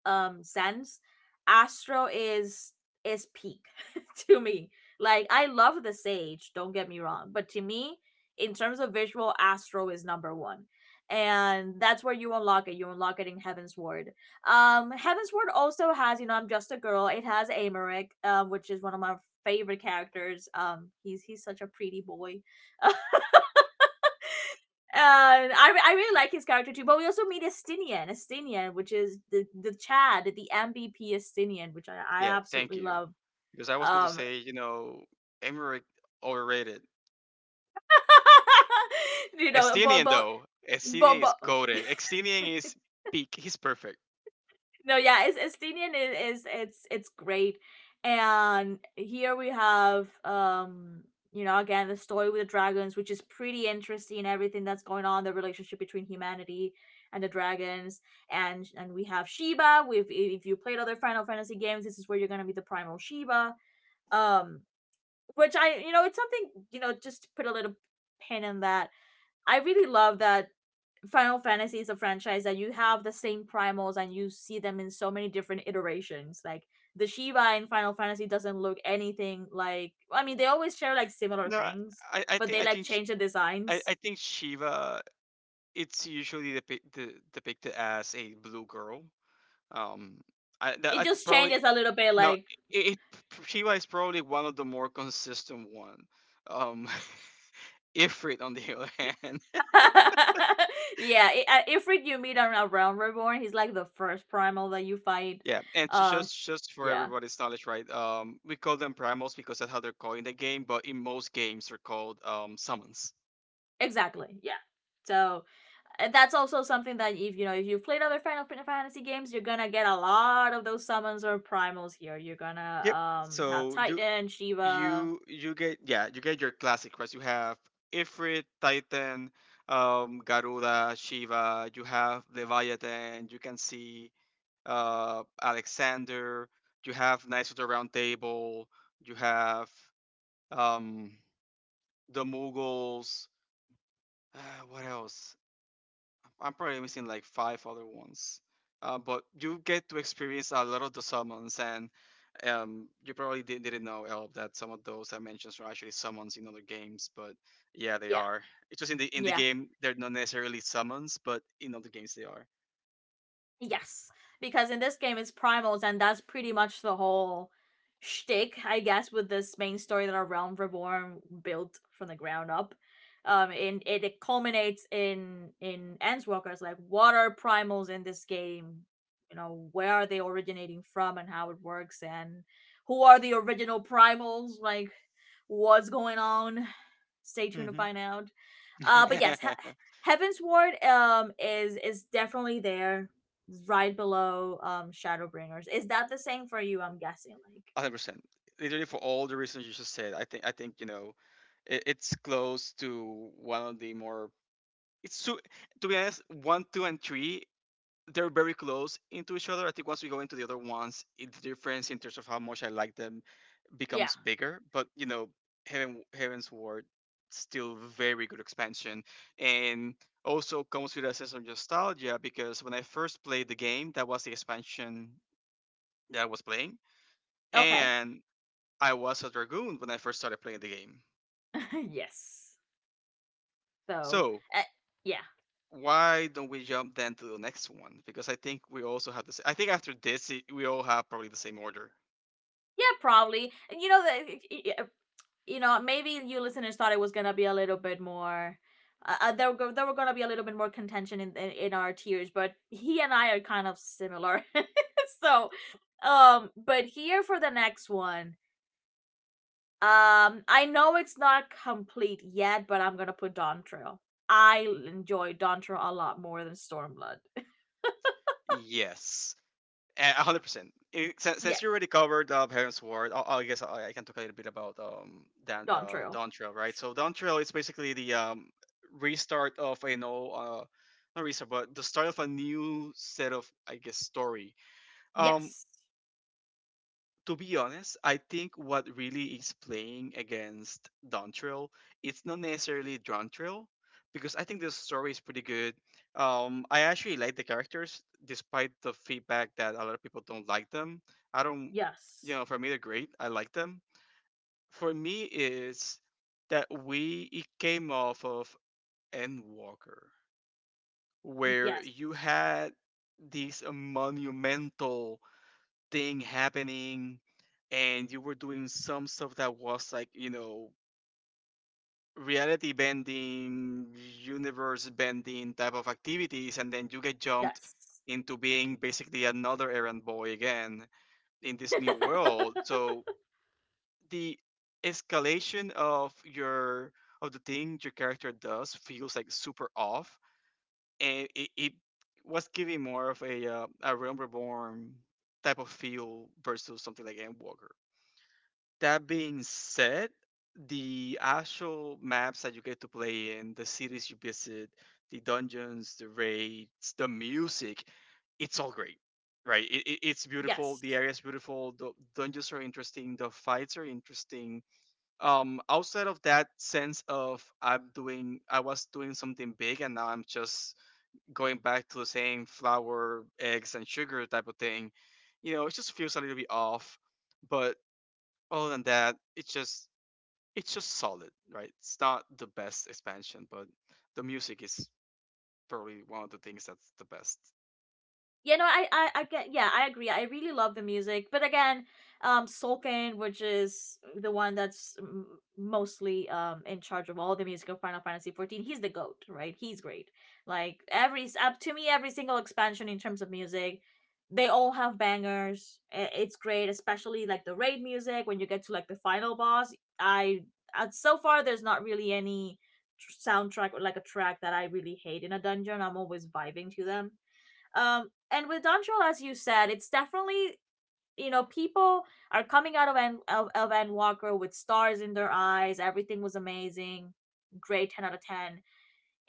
A: sense, Astro is peak to me. Like, I love the Sage, don't get me wrong, but to me, in terms of visual, Astro is number one. And that's where you unlock it. You unlock it in Heaven's Ward. Heaven's Ward also has, you know, I'm just a girl. It has Americ, which is one of my favorite characters. He's such a pretty boy. um, and I really like his character too. But we also meet Estinian, which is the Chad, the MVP Estinian, which I
B: Yeah, thank
A: absolutely
B: you.
A: love.
B: Because I was going to
A: Um,
B: say, you know, Emmerich overrated.
A: you know,
B: Extinian though, Extinian is
A: but
B: goaded. Extinian is peak. He's perfect.
A: no, yeah, it's Estinian is, it's great. And here we have, you know, again the story with the dragons, which is pretty interesting, everything that's going on, the relationship between humanity and the dragons, and we have Shiba. We If you played other Final Fantasy games, this is where you're going to be the primal Shiba, um which I, you know, it's something, you know, just put a little pin in that. I really love that Final Fantasy is a franchise that you have the same primals and you see them in so many different iterations. Like the Shiva in Final Fantasy doesn't look anything like, I mean, they always share like similar
B: No,
A: things, but they
B: I
A: like
B: think sh-
A: change the designs.
B: I think Shiva. It's usually depicted as a blue girl. Um, I that,
A: It
B: that's
A: just
B: probably.
A: changes a little bit,
B: No,
A: like.
B: it Shiva is probably one of the more consistent one. Um, Ifrit on the other hand,
A: Yeah, Ifrit you meet on Realm Reborn, he's like the first primal that you fight.
B: yeah, and ju-
A: Um
B: just just for
A: yeah,
B: everybody's knowledge, right? We call them primals because that's how they're called in the game, but in most games they're called summons.
A: exactly. Yeah. So, that's also something that, if you know if you've played other Final Fantasy games, you're gonna get a lot of those summons or primals here. You're gonna
B: Yep.
A: have
B: So you
A: Titan, Shiva.
B: you you get, yeah, you get your classic quests. You have Ifrit, Titan, Garuda, Shiva. You have Leviathan. You can see Alexander. You have Knights of the Round Table. You have um, the Mughals. Uh, what else? I'm probably missing like five other ones. But you get to experience a lot of the summons, and you probably didn't know, El, that some of those I mentioned are actually summons in other games. But yeah, they
A: Yeah,
B: are. It's just in the
A: yeah.
B: game they're not necessarily summons, but in other games they are.
A: Yes, because in this game it's primals, and that's pretty much the whole shtick, I guess, with this main story that our realm reborn built from the ground up. And it culminates in Enswalker's like, what are primals in this game? You know, where are they originating from, and how it works, and who are the original primals? Like, what's going on? Stay tuned to
B: Hmm.
A: find out. But yes, Heaven's Ward is definitely there right below Shadowbringers. Is that the same for you? I'm guessing. Like,
B: 100%. Literally for all the reasons you just said, I think it's close to one of the more. It's two. To be honest, one, two, and three, they're very close into each other. I think once we go into the other ones, the difference in terms of how much I like them
A: yeah.
B: becomes bigger. But Heaven's Ward still very good expansion and also comes with a sense of nostalgia because when I first played the game, that was the expansion that I was playing
A: Okay.
B: and I was a dragoon when I first started playing the game.
A: Yes. So,
B: So
A: uh, yeah,
B: why don't we jump then to the next one? Because I think we also have the same. I think after this, we all have probably the same order.
A: yeah, probably. And you know that, you know, maybe you listeners thought it was gonna be a little bit more. There were gonna be a little bit more contention in our tiers, but he and I are kind of similar. So, but here for the next one, I know it's not complete yet, but I'm gonna put Dontrell. I enjoy Dontrell a lot more than Stormblood.
B: Yes, a hundred percent. I- Since
A: Yeah,
B: since you already covered Heron's Ward, I guess I can talk a little bit about Dan
A: Dontrell.
B: Dawn Trail, right? So Dawn Trail is basically the restart of not restart but the start of a new set of I guess story. Um,
A: Yes,
B: to be honest, I think what really is playing against Dontrell, it's not necessarily Dontrell, because I think the story is pretty good. I actually like the characters, despite the feedback that a lot of people don't like them. I don't,
A: yes,
B: for me they're great. I like them. For me, is that we it came off of Endwalker, where
A: yes,
B: you had these monumental thing happening and you were doing some stuff that was like reality bending universe bending type of activities and then you get jumped
A: yes,
B: into being basically another errand boy again in this new world so the escalation of your of the thing your character does feels like super off and it was giving more of a realm reborn type of feel versus something like endwalker. That being said, the actual maps that you get to play in, the cities you visit, the dungeons, the raids, the music, it's all great, right? It's beautiful. The
A: yes.
B: area is beautiful. The dungeons are interesting. The fights are interesting. Outside of that sense of I was doing something big, and now I'm just going back to the same flour, eggs, and sugar type of thing. It just feels a little bit off, but other than that, it's just solid, right? It's not the best expansion, but the music is probably one of the things that's the best.
A: You know, I get, yeah, I agree. I really love the music, but again, Solkin, which is the one that's mostly in charge of all the music of Final Fantasy 14, he's the goat, right? He's great. Like, every up to me, every single expansion in terms of music, they all have bangers. I- It's great, especially like the raid music when you get to like the final boss. I, so far, there's not really any soundtrack or like a track that I really hate in a dungeon. I'm always vibing to them, and with Dontrell, as you said, it's definitely, you know, people are coming out of Ann Walker with stars in their eyes. Everything was amazing, great, 10/10.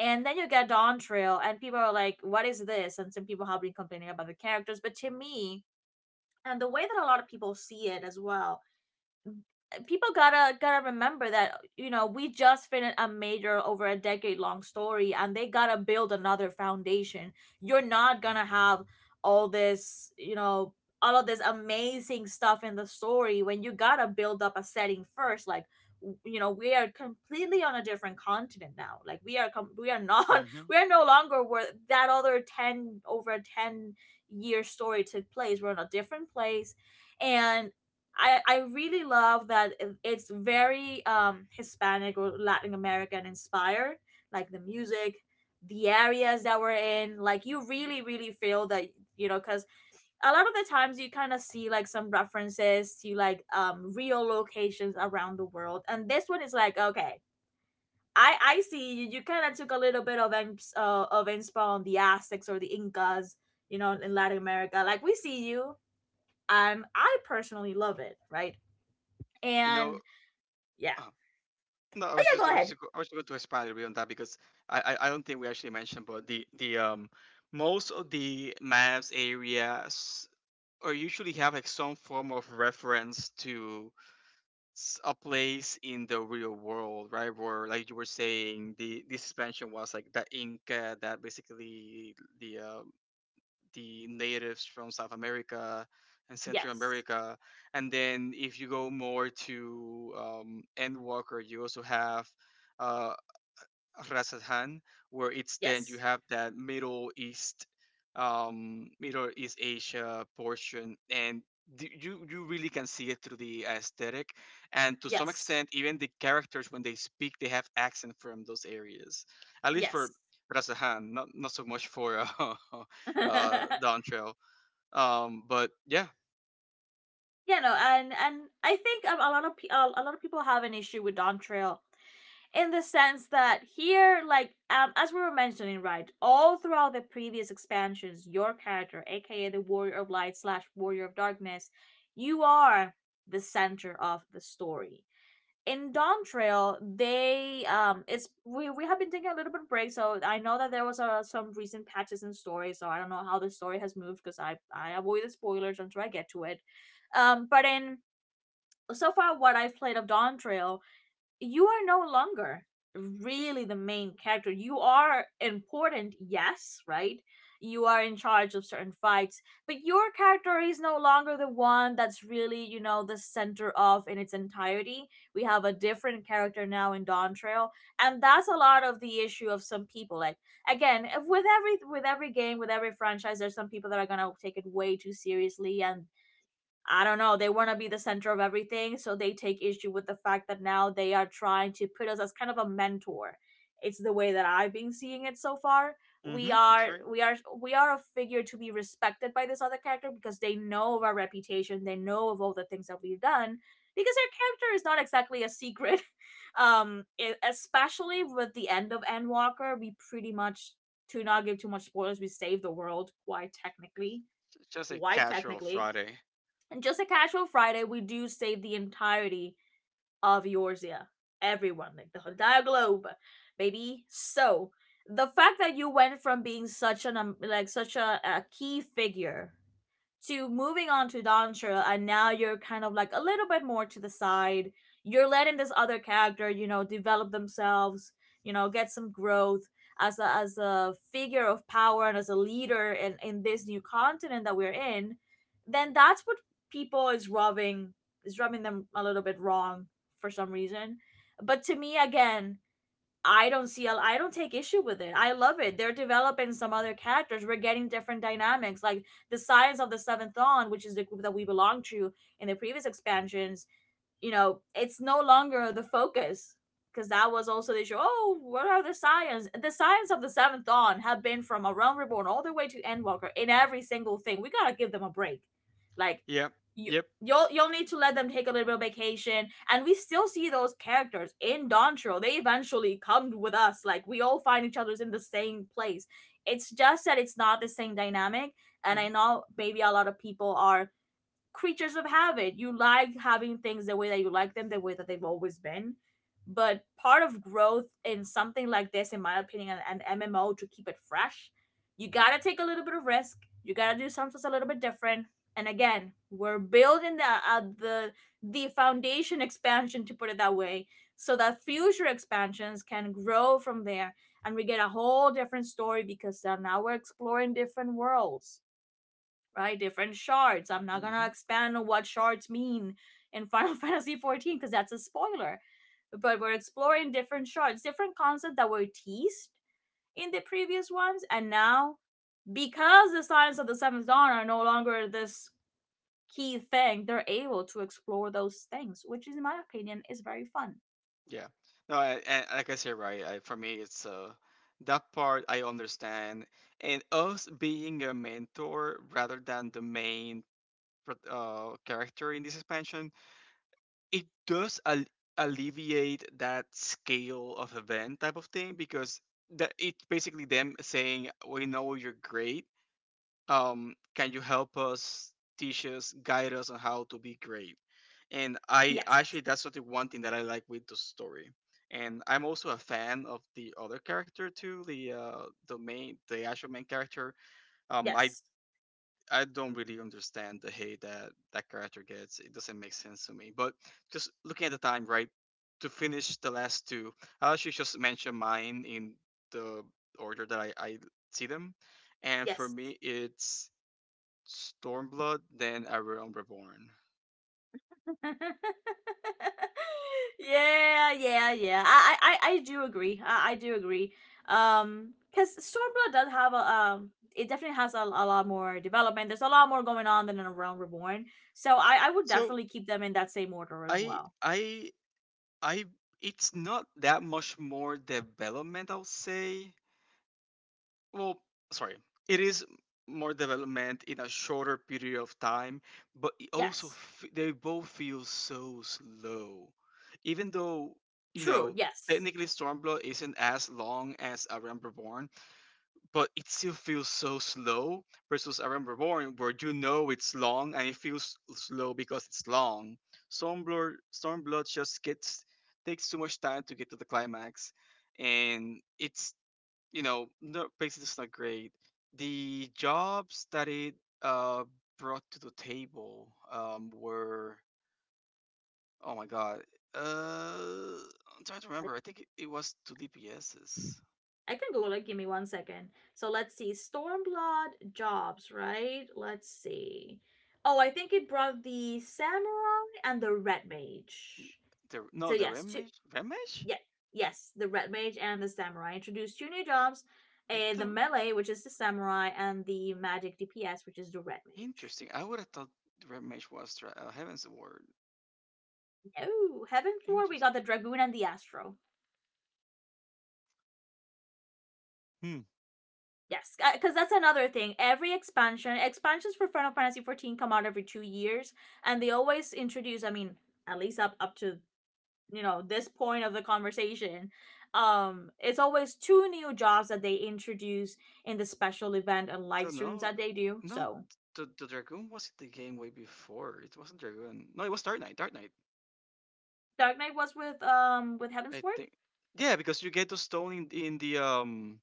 A: And then you get Dontrell, and people are like, "What is this?" And some people have been complaining about the characters, but to me, and the way that a lot of people see it as well, people gotta remember that, you know, we just finished a major over a decade long story, and they gotta build another foundation. You're not gonna have all this, you know, all of this amazing stuff in the story when you gotta build up a setting first, like you know, we are completely on a different continent now, like, we are we are not,
B: Hmm.
A: we are no longer where that other 10 over 10-year story took place. We're in a different place, and I really love that it's very Hispanic or Latin American inspired, like the music, the areas that we're in. Like, you really, really feel that, you know, because a lot of the times you kind of see like some references to like real locations around the world. And this one is like, okay, I see you, you kind of took a little bit of, of inspo on the Aztecs or the Incas, you know, in Latin America. Like, we see you. And I personally love it, right?
B: You know,
A: and yeah.
B: uh, no,
A: Yeah, go
B: I was
A: ahead.
B: just, go- I was going to expand a little bit on that because I don't think we actually mentioned, but the most of the maps areas are usually have like some form of reference to a place in the real world, right? Where, like you were saying, the suspension was like the Inca, that basically the uh, the natives from South America and Central
A: Yes.
B: America, and then if you go more to Endwalker, you also have. Uh, Rasathan, where it's then you
A: Yes.
B: have that Middle East, Middle East Asia portion, and you really can see it through the aesthetic, and to some
A: Yes.
B: extent, even the characters when they speak, they have accent from those areas, at least for
A: Yes.
B: Rasathan, not so much for
A: Yeah,
B: Don Trail. But yeah,
A: no, and I think a lot of a lot of people have an issue with Don Trail in the sense that here, like as we were mentioning, right, all throughout the previous expansions, your character, aka the Warrior of Light slash Warrior of Darkness, you are the center of the story in Dawn Trail. They it's we have been taking a little bit of break, so I know that there was some recent patches in story, so I don't know how the story has moved because I avoid the spoilers until I get to it. But in so far what I've played of Dawn Trail, you are no longer really the main character. You are important, yes, right? You are in charge of certain fights, but your character is no longer the one that's really, you know, the center of in its entirety. We have a different character now in Dawn Trail, and that's a lot of the issue of some people. Like again, if with every game, with every franchise, there's some people that are gonna take it way too seriously, and I don't know, they want to be the center of everything, so they take issue with the fact that now they are trying to put us as kind of a mentor. It's the way that I've been seeing it so far.
B: Hmm,
A: We
B: that's right.
A: are we are we are a figure to be respected by this other character because they know of our reputation, they know of all the things that we've done because our character is not exactly a secret. Um, especially with the end of Endwalker, we pretty much, to not give too much spoilers, we save the world quite technically,
B: Just a
A: quite
B: casual
A: technically,
B: Friday.
A: and just a casual Friday, we do save the entirety of Eorzea. Everyone, like the entire globe, baby. So the fact that you went from being such an like such a key figure to moving on to Don, and now you're kind of like a little bit more to the side. You're letting this other character, you know, develop themselves, you know, get some growth as a figure of power and as a leader in this new continent that we're in. Then that's what people is rubbing them a little bit wrong for some reason. But to me, again, I don't take issue with it. I love it. They're developing some other characters. We're getting different dynamics. Like the Science of the Seventh Dawn, which is the group that we belong to in the previous expansions, you know, it's no longer the focus because that was also the issue. Oh, what are the science? The science of the Seventh Dawn have been from a Realm Reborn all the way to Endwalker in every single thing. We gotta give them a break. Like,
B: Yep,
A: you
B: yep.
A: you'll need to let them take a little bit of vacation. And we still see those characters in Dontro. They eventually come with us. Like, we all find each other's in the same place. It's just that it's not the same dynamic. And I know maybe a lot of people are creatures of habit. You like having things the way that you like them, the way that they've always been. But part of growth in something like this, in my opinion, an MMO, to keep it fresh, you gotta take a little bit of risk. You gotta do something a little bit different. And again, we're building the foundation expansion, to put it that way, so that future expansions can grow from there, and we get a whole different story because now we're exploring different worlds, right? Different shards. I'm not gonna
B: Mhm.
A: expand on what shards mean in Final Fantasy 14 because that's a spoiler. But we're exploring different shards, different concepts that were teased in the previous ones, and now because the signs of the Seventh Dawn are no longer this key thing, they're able to explore those things, which, is, in my opinion, is very fun.
B: Yeah. No, and like I said, right, for me, it's that part I understand. And us being a mentor rather than the main character in this expansion, it does alleviate that scale of event type of thing because that it's basically them saying, we know you're great, can you help us, teach us, guide us on how to be great? And I
A: Yes,
B: actually that's sort of one thing that I like with the story. And I'm also a fan of the other character too, the actual main character. Um, I
A: yes,
B: I don't really understand the hate that that character gets. It doesn't make sense to me. But just looking at the time, right? To finish the last two, I actually just mention mine in the order that I see them, and for
A: yes.
B: me, it's Stormblood than A Realm Reborn.
A: Yeah, yeah, yeah. I do agree. I do agree. Because Stormblood does have a it definitely has a lot more development. There's a lot more going on than in a Realm Reborn. So I would
B: So
A: definitely keep them in that same order as
B: I
A: well.
B: I I it's not that much more development I'll say. Well, sorry. It is more development in a shorter period of time, but it also
A: Yes,
B: they both feel so slow. Even though, you
A: true.
B: know,
A: Yes,
B: technically Stormblood isn't as long as A Realm Reborn, but it still feels so slow versus Aram Reborn, where you know it's long and it feels slow because it's long. Stormblood just gets takes too much time to get to the climax, and it's you know no, basically it's not great. The jobs that it uh brought to the table were oh my god uh I'm trying to
A: I,
B: remember. I think it was two DPSs.
A: I can Google it. Give me one second. So let's see. Stormblood jobs, right? Let's see. Oh, I think it brought the samurai and the red
B: Y-
A: mage.
B: The,
A: So
B: no, the
A: yes, two
B: Ramesh, Ramesh,
A: yeah, yes, the red mage and the samurai introduced two new jobs:
B: I
A: the
B: thought
A: melee, which is the samurai, and the magic DPS, which is the red mage.
B: Interesting. I would have thought Red Mage was Heaven's Ward.
A: Oh, heaven four, we got
B: Interesting.
A: the dragoon and the astro.
B: Hmm.
A: Yes, because that's another thing. Expansions for Final Fantasy 14 come out every 2 years, and they always introduce. I mean, at least up to you know this point of the conversation, it's always two new jobs that they introduce in the special event and
B: So
A: live streams
B: no,
A: that they do.
B: no,
A: So
B: the Dragoon wasn't the game way before. It wasn't Dragoon. No, it was Dark Knight. Dark Knight,
A: Dark Knight was with Heaven's
B: I
A: Word.
B: think. Yeah, because you get the stone in the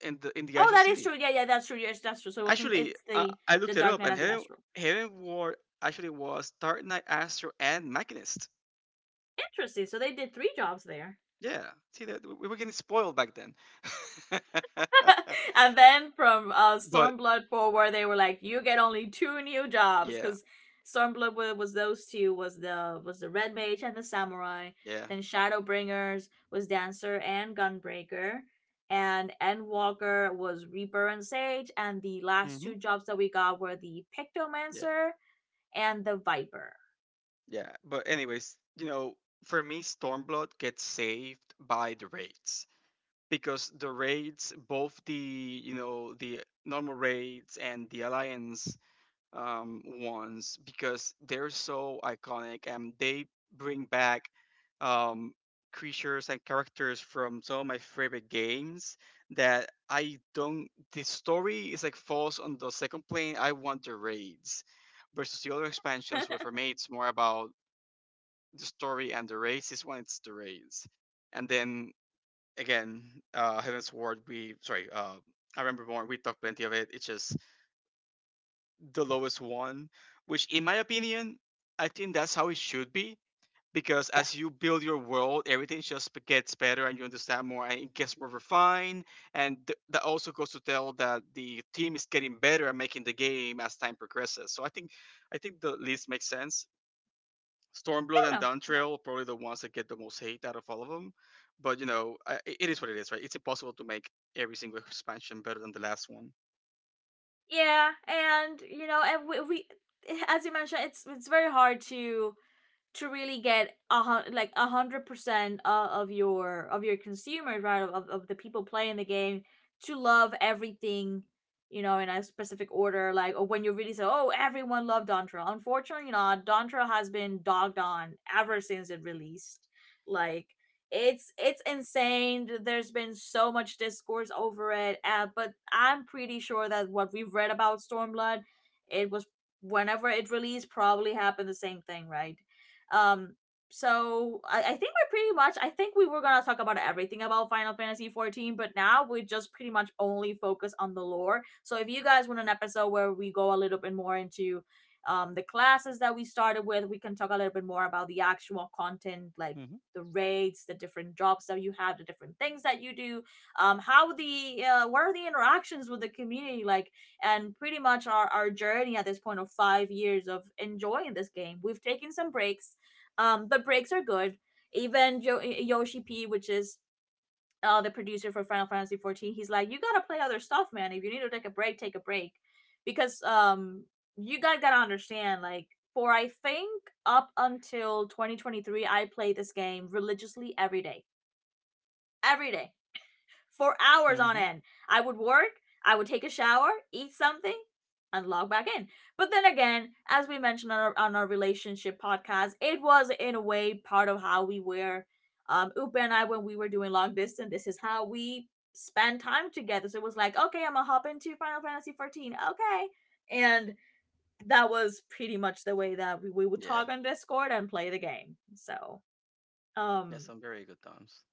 B: in the
A: Oh,
B: actual
A: that is
B: city.
A: true. Yeah, yeah, that's true. Yes, that's true. So it wasn't.
B: Actually,
A: It's
B: I, I looked
A: the
B: it
A: Dark
B: up,
A: Knight
B: and
A: and the
B: Heaven
A: Astral.
B: Heaven Ward actually was Dark Knight, Astro, and Machinist.
A: Interesting. So they did three jobs there.
B: Yeah, see that we were getting spoiled back then.
A: And then from
B: but
A: Stormblood forward, they were like, "You get only two new jobs,"
B: yeah,
A: because Stormblood was those two, was the Red Mage and the Samurai.
B: yeah,
A: Then Shadowbringers was Dancer and Gunbreaker, and Endwalker was Reaper and Sage. And the last
B: hmm
A: two jobs that we got were the
B: yeah.
A: Pictomancer and the Viper.
B: Yeah, but anyways, you know, for me, Stormblood gets saved by the raids because the raids, both the the normal raids and the alliance ones, because they're so iconic and they bring back um, creatures and characters from some of my favorite games that I don't. The story is like falls on the second plane. I want the raids versus the other expansions where
A: Yeah,
B: for me it's more about the story and the race is when it's the race. And then again, Heaven's Ward, we sorry, I remember more. We talked plenty of it. It's just the lowest one, which in my opinion, I think that's how it should be. Because
A: I
B: as you build your world, everything just gets better, and you understand more, and it gets more refined. And that also goes to tell that the team is getting better at making the game as time progresses. I think the list makes sense. Stormblood and
A: don't know. Yeah,
B: Downtrail are probably the ones that get the most hate out of all of them. But it is what it is, right? It's impossible to make every single expansion better than the last one.
A: yeah, and you know, and we as you mentioned, it's very hard to really get a like 100% of your consumers, right, of the people playing the game to love everything, you know, in a specific order, like, or when you really say, oh, everyone loved Dantra. Unfortunately not. Dantra has been dogged on ever since it released. Like, it's insane. There's been so much discourse over it. Uh, but I'm pretty sure that what we've read about Stormblood, it was whenever it released, probably happened the same thing, right? Um, so I think we're pretty much, I think we were gonna talk about everything about Final Fantasy 14, but now we just pretty much only focus on the lore. So if you guys want an episode where we go a little bit more into the classes that we started with, we can talk a little bit more about the actual content, like
B: Hmm.
A: the raids, the different jobs that you have, the different things that you do, how the what are the interactions with the community like, and pretty much our journey at this point of 5 years of enjoying this game. We've taken some breaks. Um, the breaks are good. Even Yoshi P, which is the producer for Final Fantasy 14, he's like, you gotta play other stuff, man. If you need to take a break, because you guys gotta understand, like, for I think up until 2023, I played this game religiously every day, every day, for hours on
B: Hmm.
A: end. I would work, I would take a shower, eat something, and log back in. But then again, as we mentioned on on our relationship podcast, it was in a way part of how we were. Upa and I, when we were doing long distance, this is how we spend time together. So it was like, okay, I'm gonna hop into Final Fantasy 14. Okay. And that was pretty much the way that we would
B: Yeah,
A: talk on Discord and play the game. So,
B: yeah,
A: um,
B: some very good times.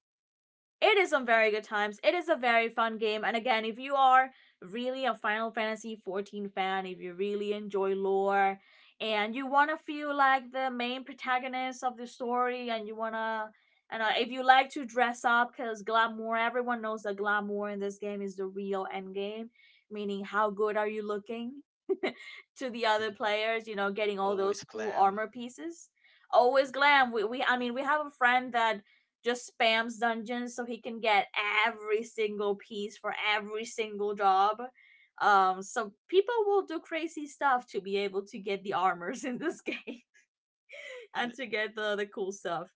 A: it is some very good times. It is a very fun game. And again, if you are really a Final Fantasy 14 fan, if you really enjoy lore and you want to feel like the main protagonist of the story and you want to and if you like to dress up, cuz glamour, everyone knows that glamour in this game is the real end game, meaning how good are you looking to the other
B: Mm-hmm.
A: players, you know, getting all those
B: Always
A: cool
B: glam.
A: armor pieces. Always glam. We I mean, we have a friend that just spams dungeons so he can get every single piece for every single job. So people will do crazy stuff to be able to get the armors in this game and to get the cool stuff,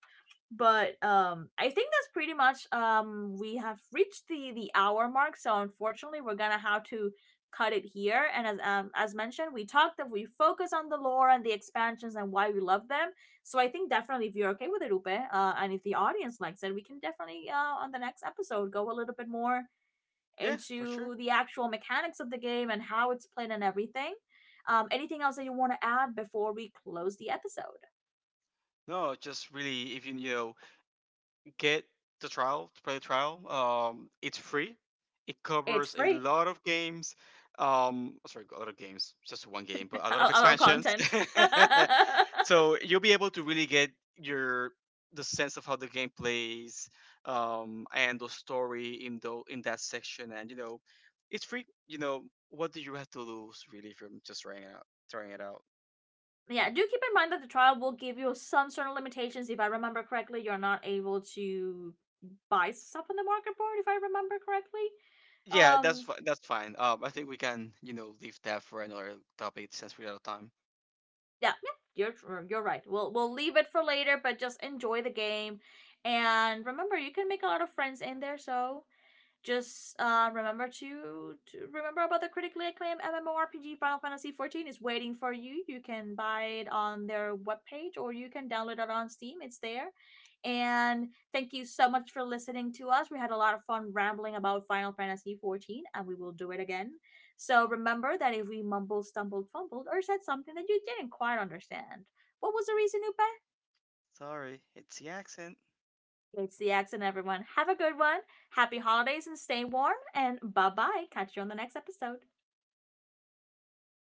A: but um, I think that's pretty much um, we have reached the hour mark, so unfortunately we're gonna have to cut it here, and as mentioned, we talked that we focus on the lore and the expansions and why we love them, so I think definitely if you're okay with it, Upe, and if the audience likes it, we can definitely on the next episode go a little bit more
B: Yeah, for sure.
A: into the actual mechanics of the game and how it's played and everything. Um, anything else that you want to add before we close the episode?
B: No, just really, if you you know, get the trial to play the trial. It's free. It
A: It's
B: covers a
A: free,
B: lot of games. Oh, sorry, a lot of games, just one game, but a lot of
A: our
B: expansions.
A: content.
B: so you'll be able to really get your the sense of how the game plays and the story in the in that section. And you know, it's free. You know, what do you have to lose really from just trying it out? Trying it out.
A: Yeah, do keep in mind that the trial will give you some certain limitations. If I remember correctly, you're not able to buy stuff on the market board. If I remember correctly,
B: Yeah,
A: um,
B: that's fine. I think we can leave that for another topic since we're out of time.
A: yeah, yeah, you're right. We'll leave it for later, but just enjoy the game, and remember you can make a lot of friends in there. So just remember to remember about the critically acclaimed MMORPG Final Fantasy XIV is waiting for you. You can buy it on their webpage or you can download it on Steam. It's there. And thank you so much for listening to us. We had a lot of fun rambling about Final Fantasy XIV, and we will do it again. So remember that if we mumbled, stumbled, fumbled, or said something that you didn't quite understand, what was the reason you,
B: Sorry, it's the accent.
A: it's the accent, everyone. Have a good one. Happy holidays and stay warm. And bye bye. Catch you on the next episode.